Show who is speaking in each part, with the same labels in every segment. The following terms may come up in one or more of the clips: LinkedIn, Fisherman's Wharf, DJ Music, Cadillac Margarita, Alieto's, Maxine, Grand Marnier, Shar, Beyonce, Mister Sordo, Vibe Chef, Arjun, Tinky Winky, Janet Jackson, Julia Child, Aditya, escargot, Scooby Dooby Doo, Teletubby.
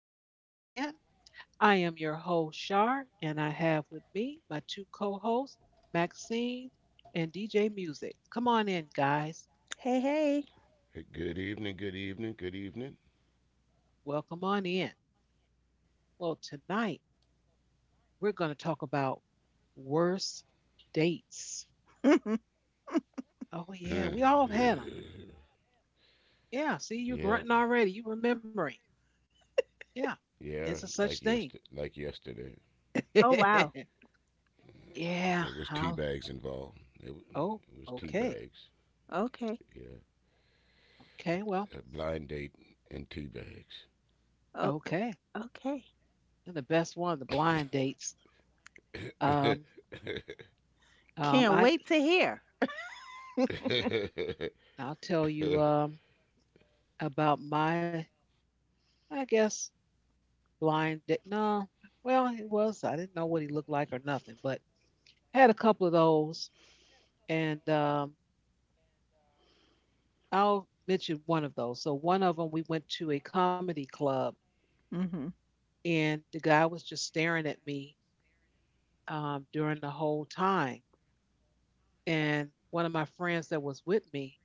Speaker 1: Podcast Land. I am your host, Shar, and I have with me my two co hosts, Maxine and DJ Music. Come on in, guys.
Speaker 2: Hey, hey.
Speaker 3: Good evening, good evening, good evening.
Speaker 1: Welcome on in. Well, tonight we're going to talk about worst dates. Oh, yeah, we all have had them. Yeah,
Speaker 3: yeah,
Speaker 1: see, you're grunting already. You remembering.
Speaker 3: yeah,
Speaker 1: Yeah,
Speaker 3: like
Speaker 1: it's a
Speaker 3: yester
Speaker 1: such
Speaker 3: like
Speaker 1: thing.
Speaker 3: yesterday.
Speaker 2: Oh, wow.
Speaker 3: It was tea
Speaker 1: yeah,
Speaker 3: bags
Speaker 1: I'll,
Speaker 3: involved. It, w- it was tea
Speaker 1: oh,
Speaker 3: bags.
Speaker 1: okay.
Speaker 3: Yeah,
Speaker 2: Okay.
Speaker 3: a
Speaker 1: Okay, well,
Speaker 3: blind date and tea bags.
Speaker 2: Oh,
Speaker 1: okay.
Speaker 2: okay.
Speaker 1: And the best one, the blind dates. Um, um,
Speaker 2: Can't
Speaker 1: I
Speaker 2: wait to hear.
Speaker 1: I'll tell you about my I guess blind. No, well it was I didn't know what he looked like or nothing, but had a couple of those, and I'll mention one of those. So one of them we went to a comedy club,
Speaker 2: Mhm.
Speaker 1: and the guy was just staring at me during the whole time, and one of my friends that was with me,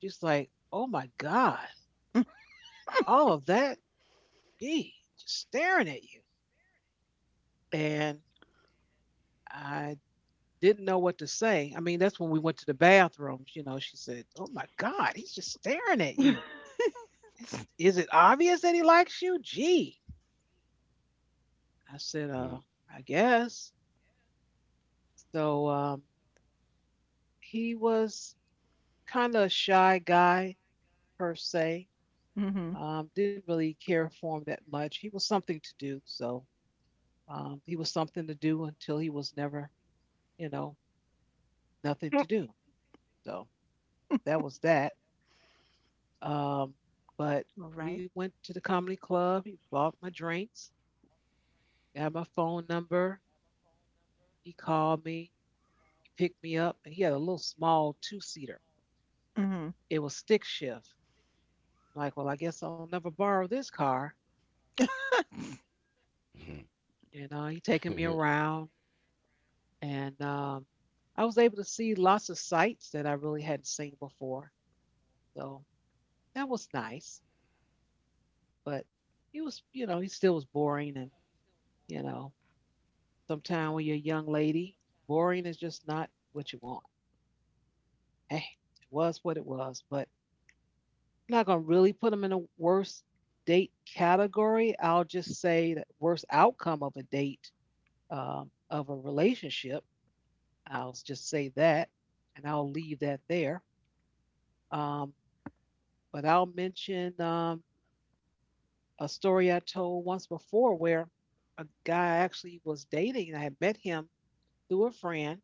Speaker 1: she's like, "Oh my God, all of that, gee, just staring at you," and I didn't know what to say. I mean, that's when we went to the bathrooms, you know, she said, "Oh my God, he's just staring at you. Is it obvious that he likes you? Gee." I said, I guess." So he was kind of a shy guy per se.
Speaker 2: Mhm.
Speaker 1: Didn't really care for him that much. He was something to do, so he was something to do until he was never, you know, nothing to do. So that was that. Um, but
Speaker 2: All
Speaker 1: we
Speaker 2: right.
Speaker 1: went to the comedy club. He bought my drinks, got my phone number. He called me, he picked me up, and he had a little small two seater.
Speaker 2: Mhm.
Speaker 1: It was stick shift. I'm like, well, I guess I'll never borrow this car. And he taking me around, and I was able to see lots of sights that I really hadn't seen before. So that was nice. But he was, you know, he still was boring, and you know, sometimes when you're a young lady, boring is just not what you want. Hey, it was what it was, but I'm not gonna really put them in a worst date category. I'll just say that worst outcome of a date of a relationship. I'll just say that, and I'll leave that there. Um, but I'll mention a story I told once before where a guy I actually was dating. And I had met him through a friend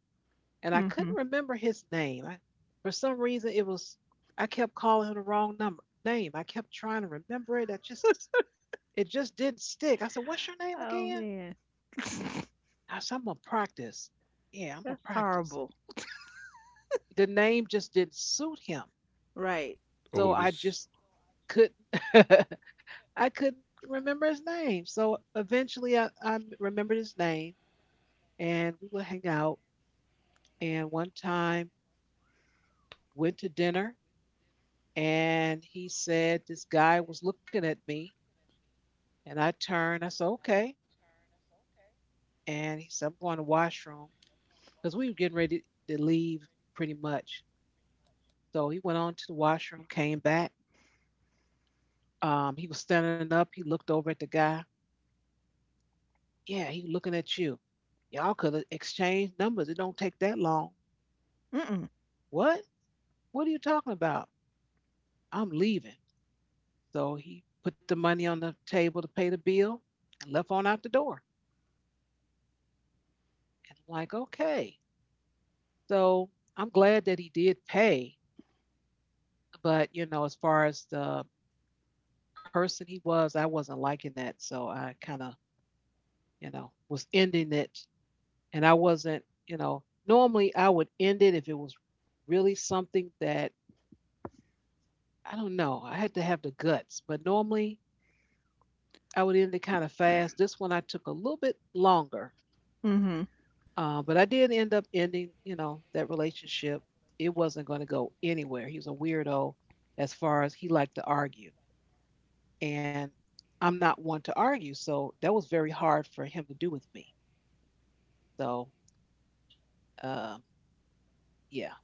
Speaker 1: and I
Speaker 2: Mhm.
Speaker 1: couldn't remember his name. I, for some reason, it was I kept calling him the wrong number name. I kept trying to remember it. I just it just didn't stick. I said, "What's your name
Speaker 2: Oh,
Speaker 1: again?"
Speaker 2: man. That's
Speaker 1: I said, "I'm gonna practice." Yeah, I'm gonna practice.
Speaker 2: horrible.
Speaker 1: The name just didn't suit him,
Speaker 2: Right.
Speaker 3: Oh,
Speaker 1: so I
Speaker 3: this.
Speaker 1: just couldn't. I couldn't remember his name. So eventually, I remembered his name, and we would hang out. And one time, went to dinner, and he said, "This guy was looking at me." And I turned, I said, "Okay." And he said, "I'm going to the washroom," because we were getting ready to leave pretty much. So he went on to the washroom, came back. He was standing up. He looked over at the guy. Yeah, he looking at you. Y'all could have exchanged numbers. It don't take that long.
Speaker 2: Mm-mm.
Speaker 1: What? What are you talking about? I'm leaving. So he put the money on the table to pay the bill and left on out the door. And I'm like, okay. So I'm glad that he did pay, but you know, as far as the person he was, I wasn't liking that. So I kind of, you know, was ending it, and I wasn't, you know, normally I would end it if it was really something that I don't know. I had to have the guts, but normally I would end it kind of fast. This one I took a little bit longer,
Speaker 2: Mhm.
Speaker 1: but I did end up ending, you know, that relationship. It wasn't going to go anywhere. He was a weirdo as far as he liked to argue. And I'm not one to argue, so that was very hard for him to do with me. So, um, yeah,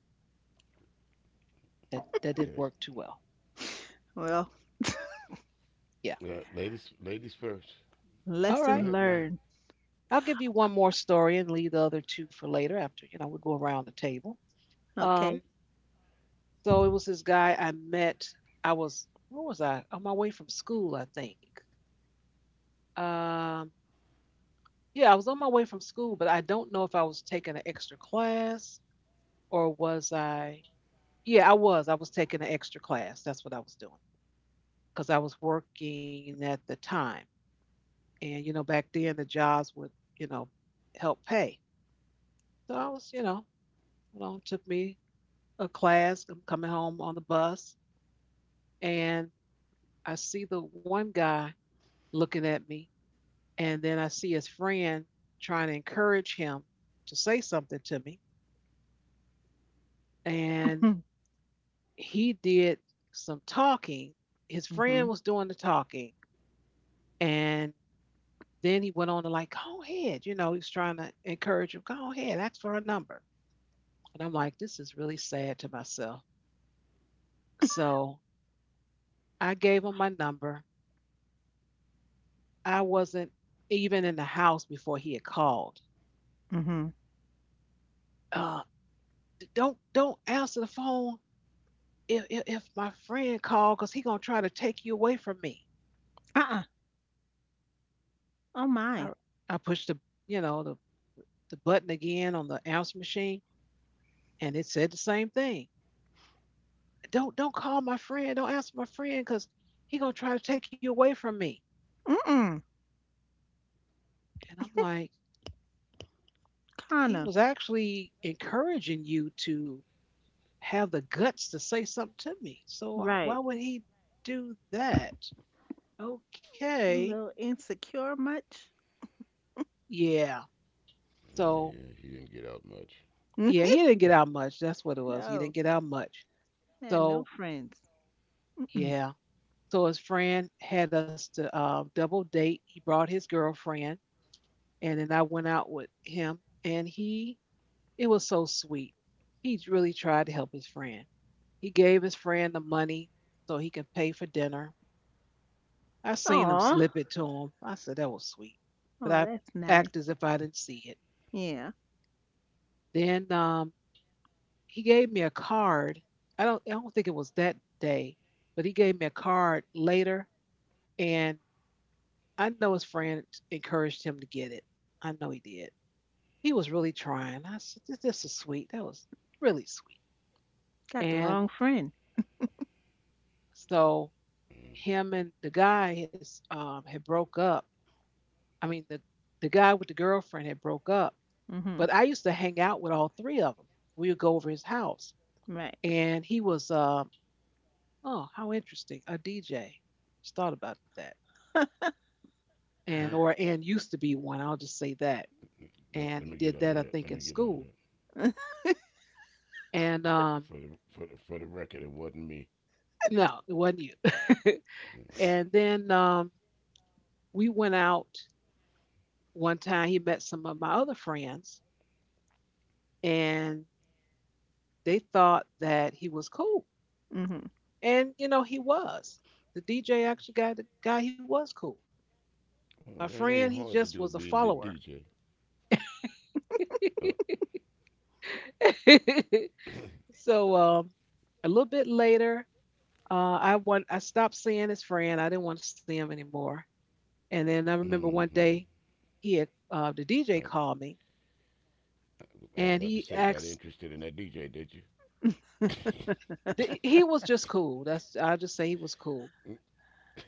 Speaker 1: that
Speaker 3: Yeah.
Speaker 1: didn't work too well.
Speaker 2: Well,
Speaker 1: Yeah.
Speaker 3: Yeah, ladies first.
Speaker 1: All
Speaker 3: Go ahead,
Speaker 1: right.
Speaker 2: lesson
Speaker 3: man.
Speaker 2: learned.
Speaker 1: I'll give you one more story and leave the other two for later. After you know, we'll go around the table.
Speaker 2: Okay.
Speaker 1: Um, so it was this guy I met. I was what was I on my way from school? I think. Um, yeah, I was on my way from school, but I don't know if I was taking an extra class or was I. Yeah, I was. I was taking an extra class. That's what I was doing. Because I was working at the time. And, you know, back then the jobs would, you know, help pay. So I was, you know, it took me a class. I'm coming home on the bus and I see the one guy looking at me. And then I see his friend trying to encourage him to say something to me. And
Speaker 2: Mhm.
Speaker 1: he did some talking. His friend
Speaker 2: Mhm.
Speaker 1: was doing the talking. And then he went on to like, go ahead. You know, he was trying to encourage him, go ahead, ask for her number. And I'm like, this is really sad to myself. So I gave him my number. I wasn't even in the house before he had called.
Speaker 2: Mhm.
Speaker 1: Uh, don't answer the phone if my friend called because he gonna try to take you away from me.
Speaker 2: Uh-uh. Oh,
Speaker 1: I
Speaker 2: my.
Speaker 1: I pushed the you know the button again on the answer machine and it said the same thing. Don't call my friend, don't answer my friend because he gonna try to take you away from me.
Speaker 2: Mm-mm.
Speaker 1: And I'm like, he
Speaker 2: Kinda.
Speaker 1: was actually encouraging you to have the guts to say something to me, so why
Speaker 2: Right.
Speaker 1: would he do that?
Speaker 2: A
Speaker 1: Okay.
Speaker 2: little insecure much?
Speaker 1: Yeah.
Speaker 3: Yeah, he didn't
Speaker 1: So
Speaker 3: get out much.
Speaker 1: yeah, he didn't get out much. That's what it was. He
Speaker 2: No.
Speaker 1: didn't get out much.
Speaker 2: And no
Speaker 1: So
Speaker 2: friends. Mm-mm.
Speaker 1: yeah. So his friend had us to double date. He brought his girlfriend, and then I went out with him, and he it was so sweet. He really tried to help his friend. He gave his friend the money so he could pay for dinner. I seen him
Speaker 2: Aw.
Speaker 1: slip it to him. I said that was sweet, but
Speaker 2: Oh,
Speaker 1: I
Speaker 2: that's nice.
Speaker 1: act as if I didn't see it.
Speaker 2: Yeah.
Speaker 1: Then he gave me a card. I don't think it was that day, but he gave me a card later, and I know his friend encouraged him to get it. I know he did. He was really trying. I said this is sweet. That was really sweet.
Speaker 2: Got the
Speaker 1: And
Speaker 2: wrong friend.
Speaker 1: so him and the guy has had broke up. I mean, the guy with the girlfriend had broke up.
Speaker 2: Mm-hmm.
Speaker 1: But I used to hang out with all three of them. We would go over his house,
Speaker 2: Right.
Speaker 1: and he was oh how interesting, a DJ. Just thought about that,
Speaker 3: Mm.
Speaker 1: and or and used to be one. I'll just say that.
Speaker 3: Let me get
Speaker 1: And
Speaker 3: out
Speaker 1: he
Speaker 3: of
Speaker 1: did
Speaker 3: that.
Speaker 1: that
Speaker 3: Let
Speaker 1: I
Speaker 3: me get
Speaker 1: think
Speaker 3: out
Speaker 1: in
Speaker 3: of that.
Speaker 1: school. And
Speaker 3: For the for the for the record, it wasn't me.
Speaker 1: no, it wasn't you. and then we went out one time. He met some of my other friends, and they thought that he was cool.
Speaker 2: Mm-hmm.
Speaker 1: And you know, he was. The DJ actually got the guy he was cool.
Speaker 3: Well, that ain't
Speaker 1: My
Speaker 3: hard to do
Speaker 1: friend, he
Speaker 3: being the
Speaker 1: just was a
Speaker 3: DJ.
Speaker 1: follower.
Speaker 3: Uh,
Speaker 1: so a little bit later, I stopped seeing his friend. I didn't want to see him anymore. And then I remember
Speaker 3: mm-hmm.
Speaker 1: one day he had
Speaker 3: I,
Speaker 1: the
Speaker 3: I
Speaker 1: DJ called me
Speaker 3: was about to say,
Speaker 1: and
Speaker 3: got
Speaker 1: he
Speaker 3: interested
Speaker 1: asked.
Speaker 3: in that DJ, did you?
Speaker 1: He was just cool. That's I'll just say he was cool.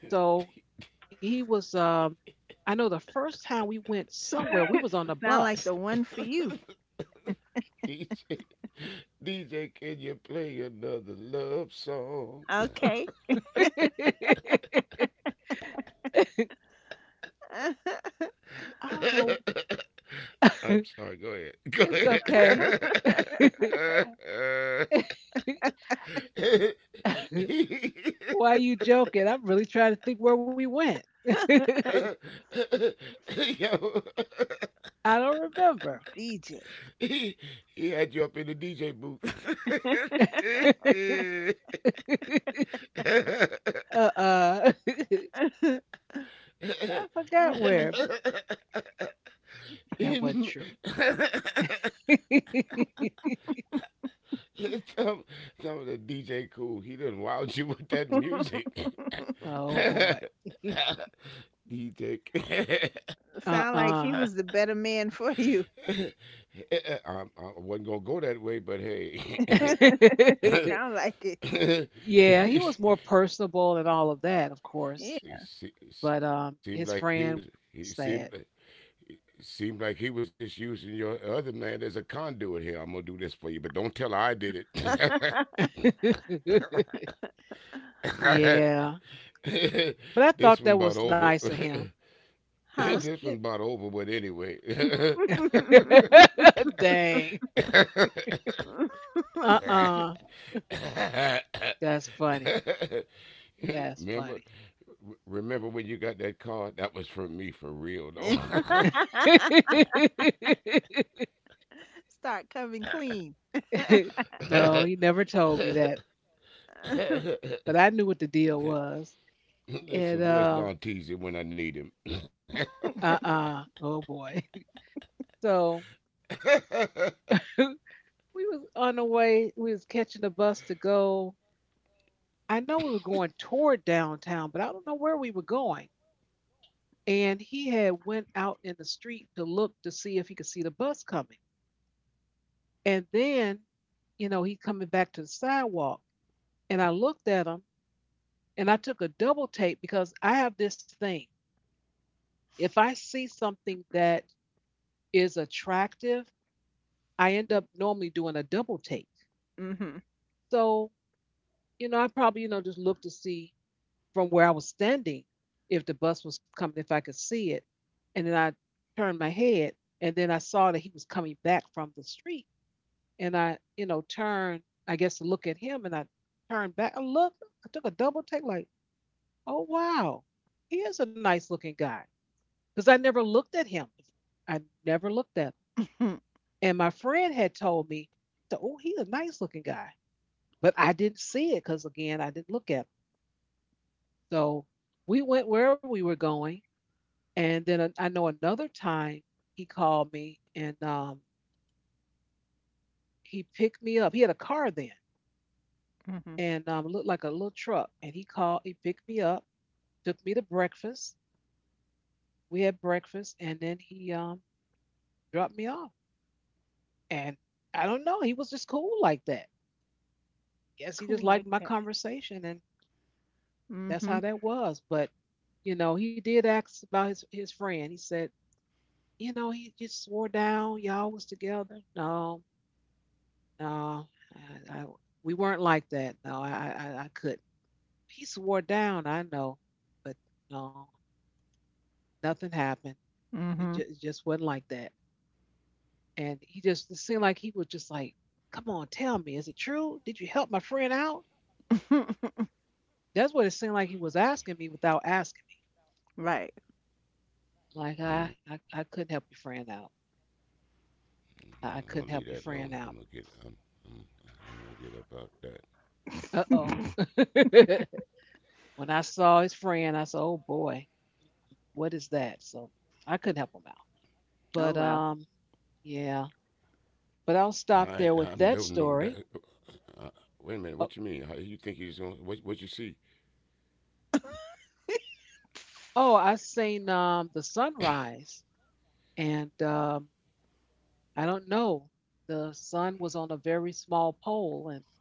Speaker 1: So he was. I know the first time we went somewhere, we was on a
Speaker 2: Sound like
Speaker 1: bus.
Speaker 2: the one for you.
Speaker 3: DJ, DJ, can you play another love song?
Speaker 2: Okay.
Speaker 1: I don't know.
Speaker 3: I'm sorry. Go ahead.
Speaker 1: It's
Speaker 3: Go
Speaker 1: okay.
Speaker 3: ahead.
Speaker 1: Why are you joking? I'm really trying to think where we went. I
Speaker 3: Yo.
Speaker 1: don't remember.
Speaker 2: DJ.
Speaker 3: he he had you up in the DJ booth.
Speaker 1: Uh-uh. I forgot where.
Speaker 2: Mm-mm.
Speaker 1: That wasn't true.
Speaker 3: some, some of the DJ cool. He done wild you with that music.
Speaker 1: Oh boy.
Speaker 3: DJ.
Speaker 2: Sound like he
Speaker 1: Uh-uh.
Speaker 2: was the better man for you.
Speaker 3: um, I wasn't gonna go that way, but hey.
Speaker 2: Sound like it.
Speaker 3: Se-
Speaker 1: Yeah, he was more personable and all of that, of
Speaker 2: Yeah.
Speaker 1: course. But
Speaker 3: Seemed like he
Speaker 1: his
Speaker 3: was.
Speaker 1: friend,
Speaker 3: He seemed.
Speaker 1: sad.
Speaker 3: Seemed like he was just using your other man as a conduit here. I'm gonna do this for you, but don't tell her I did it.
Speaker 1: Yeah.
Speaker 3: This
Speaker 1: But I
Speaker 3: one about
Speaker 1: thought that
Speaker 3: over.
Speaker 1: was nice of him. That
Speaker 3: This
Speaker 1: was
Speaker 3: one
Speaker 2: Huh?
Speaker 3: about
Speaker 1: good.
Speaker 3: over, but anyway.
Speaker 1: Dang. Uh-uh. That's funny. That's
Speaker 3: remember,
Speaker 1: funny.
Speaker 3: Remember when you got that card? That was from me for real,
Speaker 2: Start coming clean.
Speaker 1: no, he never told me that.
Speaker 3: though.
Speaker 1: But I knew what the deal was.
Speaker 3: Listen,
Speaker 1: And
Speaker 3: where's Don when I need him?
Speaker 1: uh-uh. Oh boy. So we was on the way, we was catching the bus to go. I know we were going toward downtown, but I don't know where we were going. And he had went out in the street to look to see if he could see the bus coming. And then, you know, he coming back to the sidewalk, and I looked at him, and I took a double take because I have this thing. If I see something that is attractive, I end up normally doing a double take.
Speaker 2: Mm-hmm.
Speaker 1: So I probably, just looked to see from where I was standing if the bus was coming, if I could see it. And then I turned my head and then I saw that he was coming back from the street. And I, turned, I guess, to look at him, and I turned back and looked. I took a double take, like, oh wow, he is a nice looking guy, because I never looked at him before. I never looked at him, and my friend had told me, so, oh, he's a nice looking guy, but I didn't see it because again, I didn't look at him. So we went where we were going, and then I know another time he called me and he picked me up. He had a car then,
Speaker 2: hmm
Speaker 1: and looked like a little truck, and he called, he picked me up, took me to breakfast. We had breakfast, and then he dropped me off. And I don't know, he was just cool like that. Guess he
Speaker 2: cool
Speaker 1: just
Speaker 2: like
Speaker 1: liked my
Speaker 2: that.
Speaker 1: conversation, and that's
Speaker 2: Mm-hmm.
Speaker 1: how that was. But you know, he did ask about his friend. He said, you know, he just swore down y'all was together. No, no, I, I, we weren't like that. No, I couldn't. He swore down. I know, but no, nothing happened.
Speaker 2: Mm-hmm.
Speaker 1: It just wasn't like that. And he just it seemed like he was just like, "Come on, tell me, is it true? Did you help my friend out?" That's what it seemed like he was asking me without asking me.
Speaker 2: Right.
Speaker 1: Like
Speaker 3: I'm
Speaker 1: I couldn't help your friend out.
Speaker 3: gonna
Speaker 1: I
Speaker 3: leave that
Speaker 1: couldn't help
Speaker 3: alone.
Speaker 1: your
Speaker 3: I'm gonna
Speaker 1: friend
Speaker 3: get.
Speaker 1: out.
Speaker 3: I'm. I'm, I'm gonna get about that.
Speaker 1: Uh oh. When I saw his friend, I said, "Oh boy, what is that?" So I couldn't help him out. But
Speaker 2: Oh well.
Speaker 1: um, yeah. But I'll
Speaker 3: I.
Speaker 1: stop
Speaker 3: I
Speaker 1: there with
Speaker 3: don't know
Speaker 1: that
Speaker 3: no, that.
Speaker 1: story.
Speaker 3: Wait a minute. What you
Speaker 1: Oh,
Speaker 3: mean? You think he's gonna? What? What you see?
Speaker 1: oh, I seen the sunrise, and I don't know. The sun was on a very small pole, and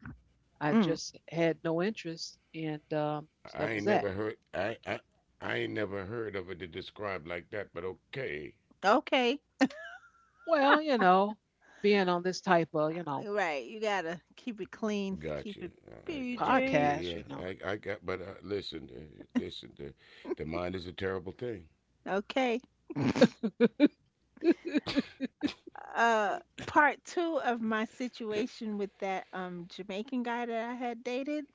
Speaker 1: I
Speaker 2: Mm.
Speaker 1: just had no interest, and
Speaker 3: I ain't
Speaker 1: so that was
Speaker 3: never
Speaker 1: that.
Speaker 3: heard. I ain't never heard of it described like that. But okay.
Speaker 2: Okay.
Speaker 1: Well, you know, being on this type of, you know,
Speaker 2: Right. You gotta keep it clean.
Speaker 3: Gotcha.
Speaker 2: Keep it
Speaker 3: I, yeah, yeah.
Speaker 2: PG.
Speaker 1: podcast, you
Speaker 3: I
Speaker 1: know,
Speaker 3: got. But listen, listen. The mind is a terrible thing.
Speaker 2: Okay. uh Part two of my situation with that Jamaican guy that I had dated.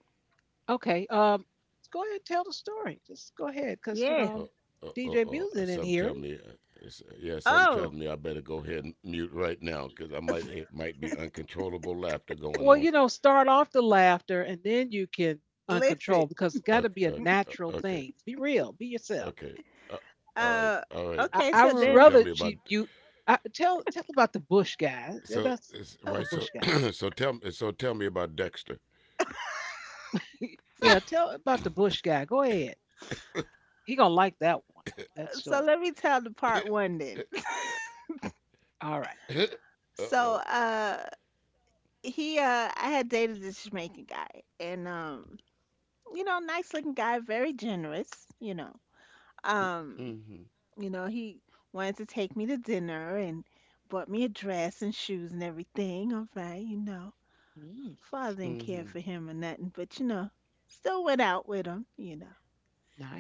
Speaker 1: okay, go ahead and tell the story. Just go ahead, because you
Speaker 2: Yes.
Speaker 1: know,
Speaker 3: Uh,
Speaker 1: DJ Music didn't
Speaker 3: some
Speaker 1: hear it.
Speaker 3: tell me, yeah, some tell
Speaker 2: Oh,
Speaker 3: me I better go ahead and mute right now because I might it might be uncontrollable laughter
Speaker 1: Well,
Speaker 3: going
Speaker 1: you
Speaker 3: on.
Speaker 1: know, start off the laughter, and then you can
Speaker 2: listen.
Speaker 1: uncontrol because it's got to be a natural thing.
Speaker 3: Okay.
Speaker 1: Be real, be yourself.
Speaker 3: Okay. Uh, all
Speaker 2: Uh
Speaker 3: right, all right.
Speaker 2: okay,
Speaker 1: I
Speaker 2: so
Speaker 1: would
Speaker 3: So
Speaker 2: then.
Speaker 1: rather
Speaker 3: tell me
Speaker 1: she
Speaker 3: about
Speaker 1: you I, tell tell about the Bush guy. Yeah, that's tell the
Speaker 3: right.
Speaker 1: Bush
Speaker 3: So
Speaker 1: guy.
Speaker 3: so tell me about Dexter.
Speaker 1: Yeah, tell about the Bush guy. Go ahead. He gonna like that one. That
Speaker 2: So
Speaker 1: story.
Speaker 2: let me tell the
Speaker 3: uh
Speaker 2: part one then.
Speaker 1: All right.
Speaker 3: oh.
Speaker 2: So he I had dated this Jamaican guy, and nice looking guy, very generous, you know. Um,
Speaker 3: Mm-hmm.
Speaker 2: he wanted to take me to dinner and bought me a dress and shoes and everything. All right.
Speaker 1: Mm,
Speaker 2: Father didn't care
Speaker 3: Mm-hmm.
Speaker 2: for him or nothing, but still went out with him.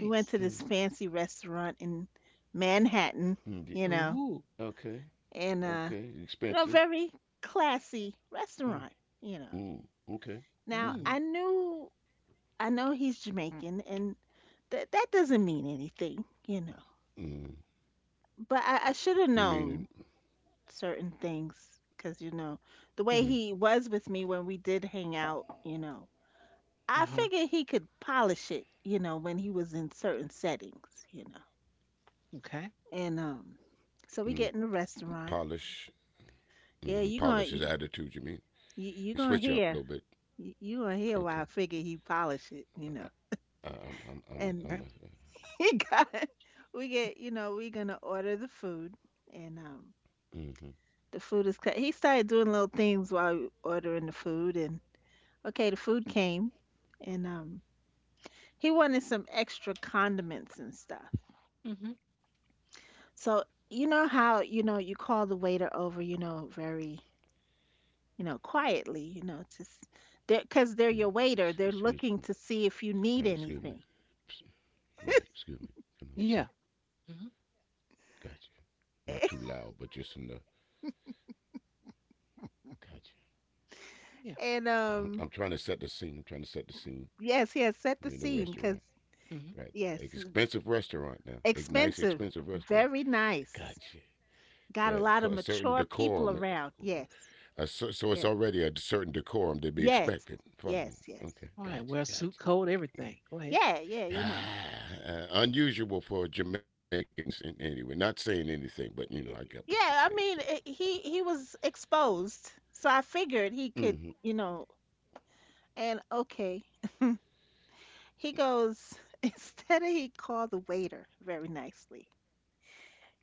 Speaker 2: We went to this
Speaker 3: Mm.
Speaker 2: fancy restaurant in Manhattan, you
Speaker 3: Ye-
Speaker 2: know,
Speaker 1: Ooh.
Speaker 3: Okay.
Speaker 2: and
Speaker 3: Okay. Expensive.
Speaker 2: very classy
Speaker 3: Mm.
Speaker 2: restaurant, you know.
Speaker 3: Mm. Okay.
Speaker 2: Now, I
Speaker 1: Mm,
Speaker 3: Mm-hmm.
Speaker 2: knew I know he's Jamaican, and that that doesn't mean anything.
Speaker 3: Mm.
Speaker 2: But I should have
Speaker 3: Meaning
Speaker 2: known certain things, because you know the way
Speaker 3: mm,
Speaker 1: mm-hmm.
Speaker 2: he was with me when we did hang out. I
Speaker 1: Uh-huh.
Speaker 2: figured he could polish it. When he was in certain settings.
Speaker 1: Okay.
Speaker 2: And so we get in the restaurant.
Speaker 3: polish, hmm
Speaker 2: Yeah,
Speaker 3: polish his attitude. You mean you
Speaker 2: you gonna
Speaker 3: switch up a little
Speaker 2: hear
Speaker 3: bit?
Speaker 2: you gonna hear why I
Speaker 3: Okay.
Speaker 2: figured he polish it.
Speaker 3: I, I'm,
Speaker 2: And
Speaker 1: Okay.
Speaker 3: I'm. A,
Speaker 2: he got we get we gonna order the food and.
Speaker 3: mm-hmm,
Speaker 2: The food is cut. He started doing little things while we ordering the food, and okay, the food came and he wanted some extra condiments and stuff.
Speaker 1: Mm-hmm.
Speaker 2: So, you know how, you call the waiter over, very, quietly, cuz
Speaker 3: mm,
Speaker 2: they're your waiter, they're
Speaker 3: excuse me.
Speaker 2: looking to see if you
Speaker 3: Right,
Speaker 2: need
Speaker 3: excuse me.
Speaker 2: anything.
Speaker 3: Ps- Right, excuse me. Come on, sorry.
Speaker 1: Yeah. Mm-hmm.
Speaker 3: Gotcha. Not too loud, but just enough. Gotcha.
Speaker 1: Yeah.
Speaker 2: And
Speaker 3: Mm-hmm. I'm
Speaker 2: um
Speaker 3: trying to set the scene. I'm trying to set the scene.
Speaker 2: yes, yes, set the
Speaker 3: We in a
Speaker 2: scene cuz
Speaker 3: restaurant,
Speaker 1: Mm-hmm.
Speaker 3: right?
Speaker 2: yes,
Speaker 3: Expensive restaurant now. A nice,
Speaker 2: expensive,
Speaker 3: expensive restaurant.
Speaker 2: very nice.
Speaker 3: Gotcha.
Speaker 2: Got a lot of
Speaker 3: A certain
Speaker 2: mature
Speaker 3: decorum
Speaker 2: people around.
Speaker 3: uh,
Speaker 2: Yes.
Speaker 3: So, so it's
Speaker 2: Yes.
Speaker 3: already a certain decorum to be
Speaker 2: Yes.
Speaker 3: expected.
Speaker 2: Yes, yes.
Speaker 1: All
Speaker 3: Okay,
Speaker 1: right. Wear a suit, coat, everything.
Speaker 3: gotcha.
Speaker 1: Go ahead.
Speaker 2: Yeah, yeah.
Speaker 3: Ah, unusual for Jamaicans, and anyway, not saying anything, but you know, I
Speaker 2: eh,
Speaker 3: got what you're
Speaker 2: Yeah,
Speaker 3: saying
Speaker 2: I
Speaker 3: so
Speaker 2: mean, it, he was exposed, so I figured he could. And okay, he goes. Instead of he called the waiter very nicely,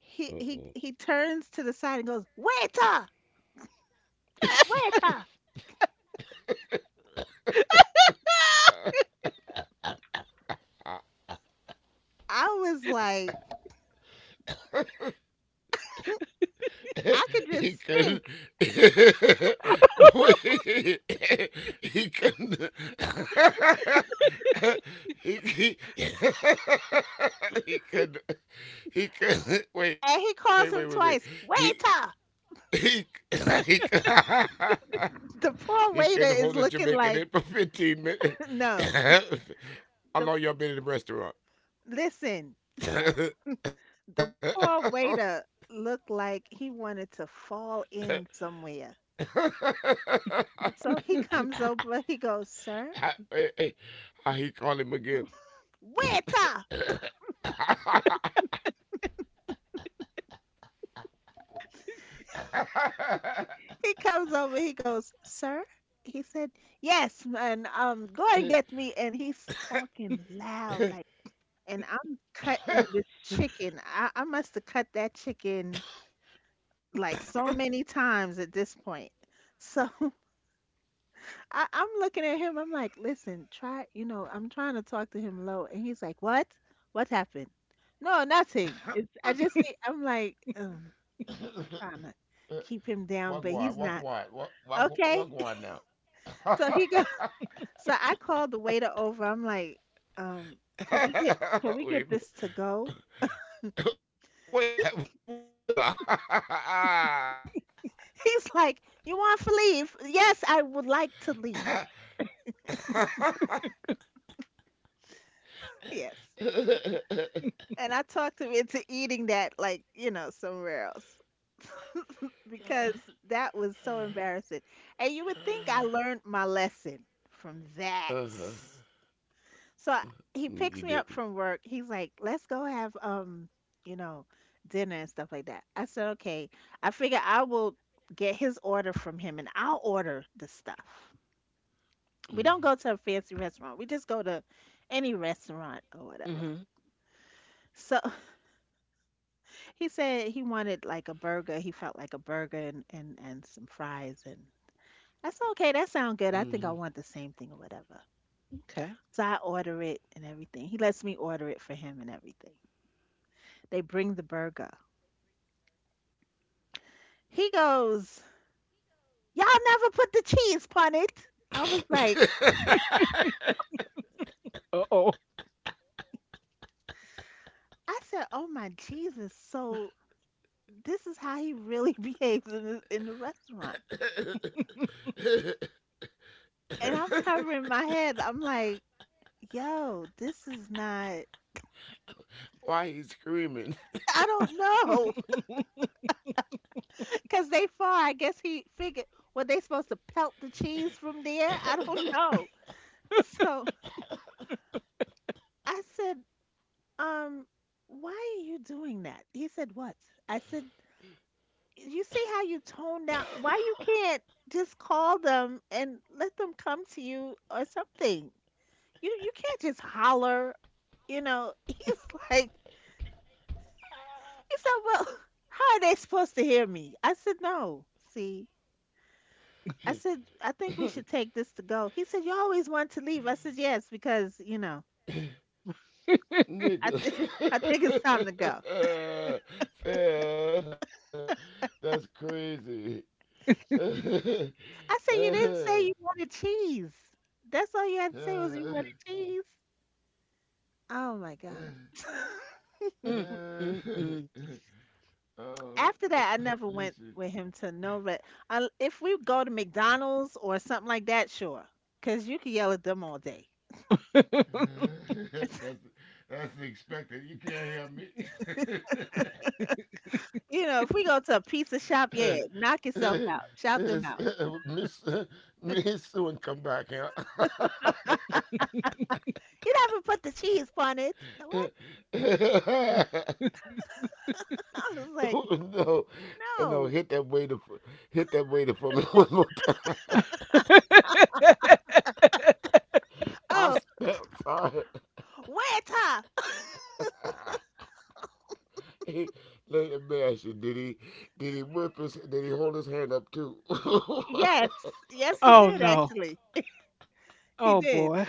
Speaker 2: he he
Speaker 3: far.
Speaker 2: he turns to the side and goes, "Waiter,
Speaker 3: Mm-hmm. Uh
Speaker 2: waiter."
Speaker 3: oh.
Speaker 2: I was like, I could just
Speaker 3: He couldn't.
Speaker 2: sink.
Speaker 3: Wait. He couldn't. he, he, he couldn't. He couldn't.
Speaker 2: And he calls him
Speaker 3: Wait.
Speaker 2: twice,
Speaker 3: He.
Speaker 2: "Waiter."
Speaker 3: He, he,
Speaker 2: The poor
Speaker 3: he
Speaker 2: waiter
Speaker 3: couldn't
Speaker 2: is
Speaker 3: hold a
Speaker 2: looking
Speaker 3: Jamaican
Speaker 2: like,
Speaker 3: in for 15 minutes.
Speaker 2: no. The
Speaker 3: How long y'all been in the restaurant?
Speaker 2: Listen, the poor waiter looked like he wanted to fall in somewhere. So he comes over, he goes, "Sir,
Speaker 3: I. How he call him again?
Speaker 2: waiter." He comes over, he goes, "Sir." He said, "Yes, man, go and get me." And he's talking loud, like, and I'm cutting this chicken. I must have cut that chicken like so many times at this point. So I'm looking at him, I'm like, "Listen, try," you know, I'm trying to talk to him low. And he's like, "What? What happened?" "No, nothing. I just need," I'm like, oh, trying to keep him down, but he's not.
Speaker 3: Walk
Speaker 2: Okay.
Speaker 3: wide now.
Speaker 2: So he goes. So I called the waiter over. I'm like, um, could we get
Speaker 3: wait,
Speaker 2: this to go?"
Speaker 3: wait, wait,
Speaker 2: He's like, "You want to leave?" "Yes, I would like to
Speaker 3: uh-huh.
Speaker 2: leave. Yes." And I talked him into eating that, like, somewhere else, because that was so embarrassing. And you would think I learned my lesson from that. So he
Speaker 3: Mm,
Speaker 2: picks
Speaker 3: you
Speaker 2: me up
Speaker 3: didn't.
Speaker 2: from work. He's like, "Let's go have you know, dinner and stuff like that." I said, "Okay." I figure I will get his order from him and I'll order the stuff. We don't go to a fancy restaurant. We just go to any restaurant or whatever.
Speaker 1: Mm-hmm.
Speaker 2: So he said he wanted like a burger. He felt like a burger, and some fries, and I said, "Okay, that sounds good. I think I want the same thing or whatever."
Speaker 1: Okay.
Speaker 2: So I order it and everything. He lets me order it for him and everything. They bring the burger. He goes, "Y'all never put the cheese upon it." I was like,
Speaker 3: Mm-hmm.
Speaker 1: Uh-oh.
Speaker 2: I said, "Oh my Jesus." So this is how he really behaves in the, in the, restaurant. And I'm covering my head. I'm like, "Yo, this is not.
Speaker 3: Why he's screaming,
Speaker 2: I don't know." Because they far. I guess he figured, were they supposed to pelt the cheese from there? I don't know. So I said, Um, why are you doing that?" He said, "What?" I said, "You see how you tone down? Why you can't just call them and let them come to you or something? You can't just holler? He's like, he said, well, "How are they supposed to hear me?" I said, "No. See," I said, "I think we should take this to go." He said, "You always want to leave." I said, "Yes, because you know I
Speaker 3: nigga?
Speaker 2: I think it's time to go."
Speaker 3: Fam, that's crazy.
Speaker 2: I said, "You didn't say you wanted cheese. That's all you had to say, was you wanted cheese." Oh my
Speaker 3: oh,
Speaker 2: god.
Speaker 1: Mm, mm, mm.
Speaker 2: After that, I never
Speaker 3: listen.
Speaker 2: went with him to no red. If we go to McDonald's or something like that, sure, because you can yell at them all day.
Speaker 3: that's that's expected. You can't hear me.
Speaker 2: If we go to a pizza shop, yeah, knock yourself out, shout
Speaker 3: Miss
Speaker 2: them out.
Speaker 3: uh, Miss Sue and come back here.
Speaker 2: "You never put the cheese on it. What?"
Speaker 3: No,
Speaker 2: I was like,
Speaker 3: no,
Speaker 2: no.
Speaker 3: hit that waiter for me one more time. I
Speaker 2: Oh,
Speaker 3: stepped. Sorry.
Speaker 2: waiter.
Speaker 3: He, let me ask you, did he did he hold his hand up too?
Speaker 2: Yes, yes, he
Speaker 1: Oh
Speaker 2: did
Speaker 1: no.
Speaker 2: actually. He
Speaker 1: Oh
Speaker 2: did.
Speaker 1: boy.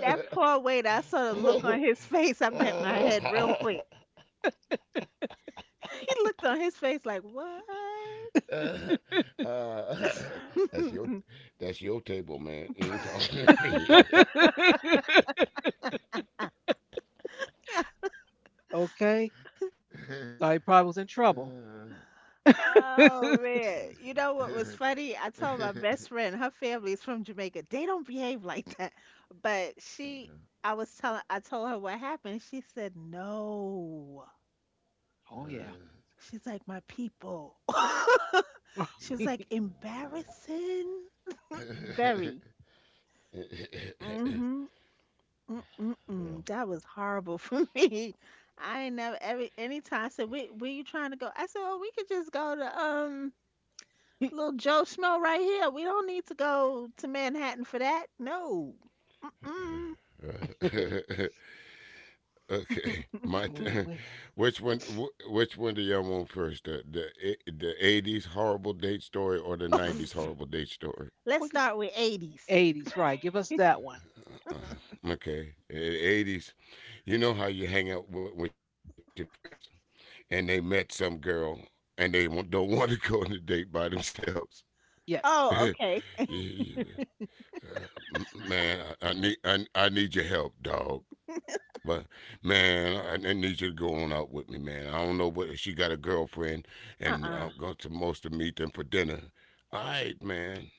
Speaker 2: That poor waiter. I saw the look on his face. I bent my head real quick. He looked on his face like, what?
Speaker 3: that's your, that's your table, man. He ain't talking to me.
Speaker 2: Yeah.
Speaker 1: Okay. Thought he probably was in trouble.
Speaker 2: Oh man. You know what was funny? I told my best friend, her family's from Jamaica. They don't behave like that. But she I was telling I told her what happened. She said, "No."
Speaker 1: Oh yeah.
Speaker 3: Uh,
Speaker 2: She's like, "My people." She was
Speaker 3: yeah.
Speaker 2: like, "Embarrassing?"
Speaker 3: Yeah.
Speaker 2: Very. Mm-hmm. Mm-mm-mm. That
Speaker 3: Well,
Speaker 2: was horrible for me. I ain't never every anytime I said, "Where you trying to go?" I said, "Oh, we could just go to Little Joe Schmo right here. We don't need to go to Manhattan for that. No." Mm.
Speaker 3: Uh, okay,
Speaker 1: Oh,
Speaker 3: my
Speaker 1: wait.
Speaker 3: turn. Which one do y'all want first? The 80s horrible date story or the 90s horrible date story?
Speaker 2: Let's
Speaker 1: What is
Speaker 2: start with 80s.
Speaker 1: 80s, right? Give us that one.
Speaker 3: Okay, eighties. You know how you hang out with your friends and they met some girl and they don't want to go on a date by themselves.
Speaker 1: Yes.
Speaker 2: Oh,
Speaker 3: You-
Speaker 2: okay.
Speaker 3: you- man, I need your help, dog. But man, I need you to go on out with me, man. I don't know what she got a girlfriend, and
Speaker 2: Uh-uh.
Speaker 3: I'm going to most to meet them for dinner. All right, man,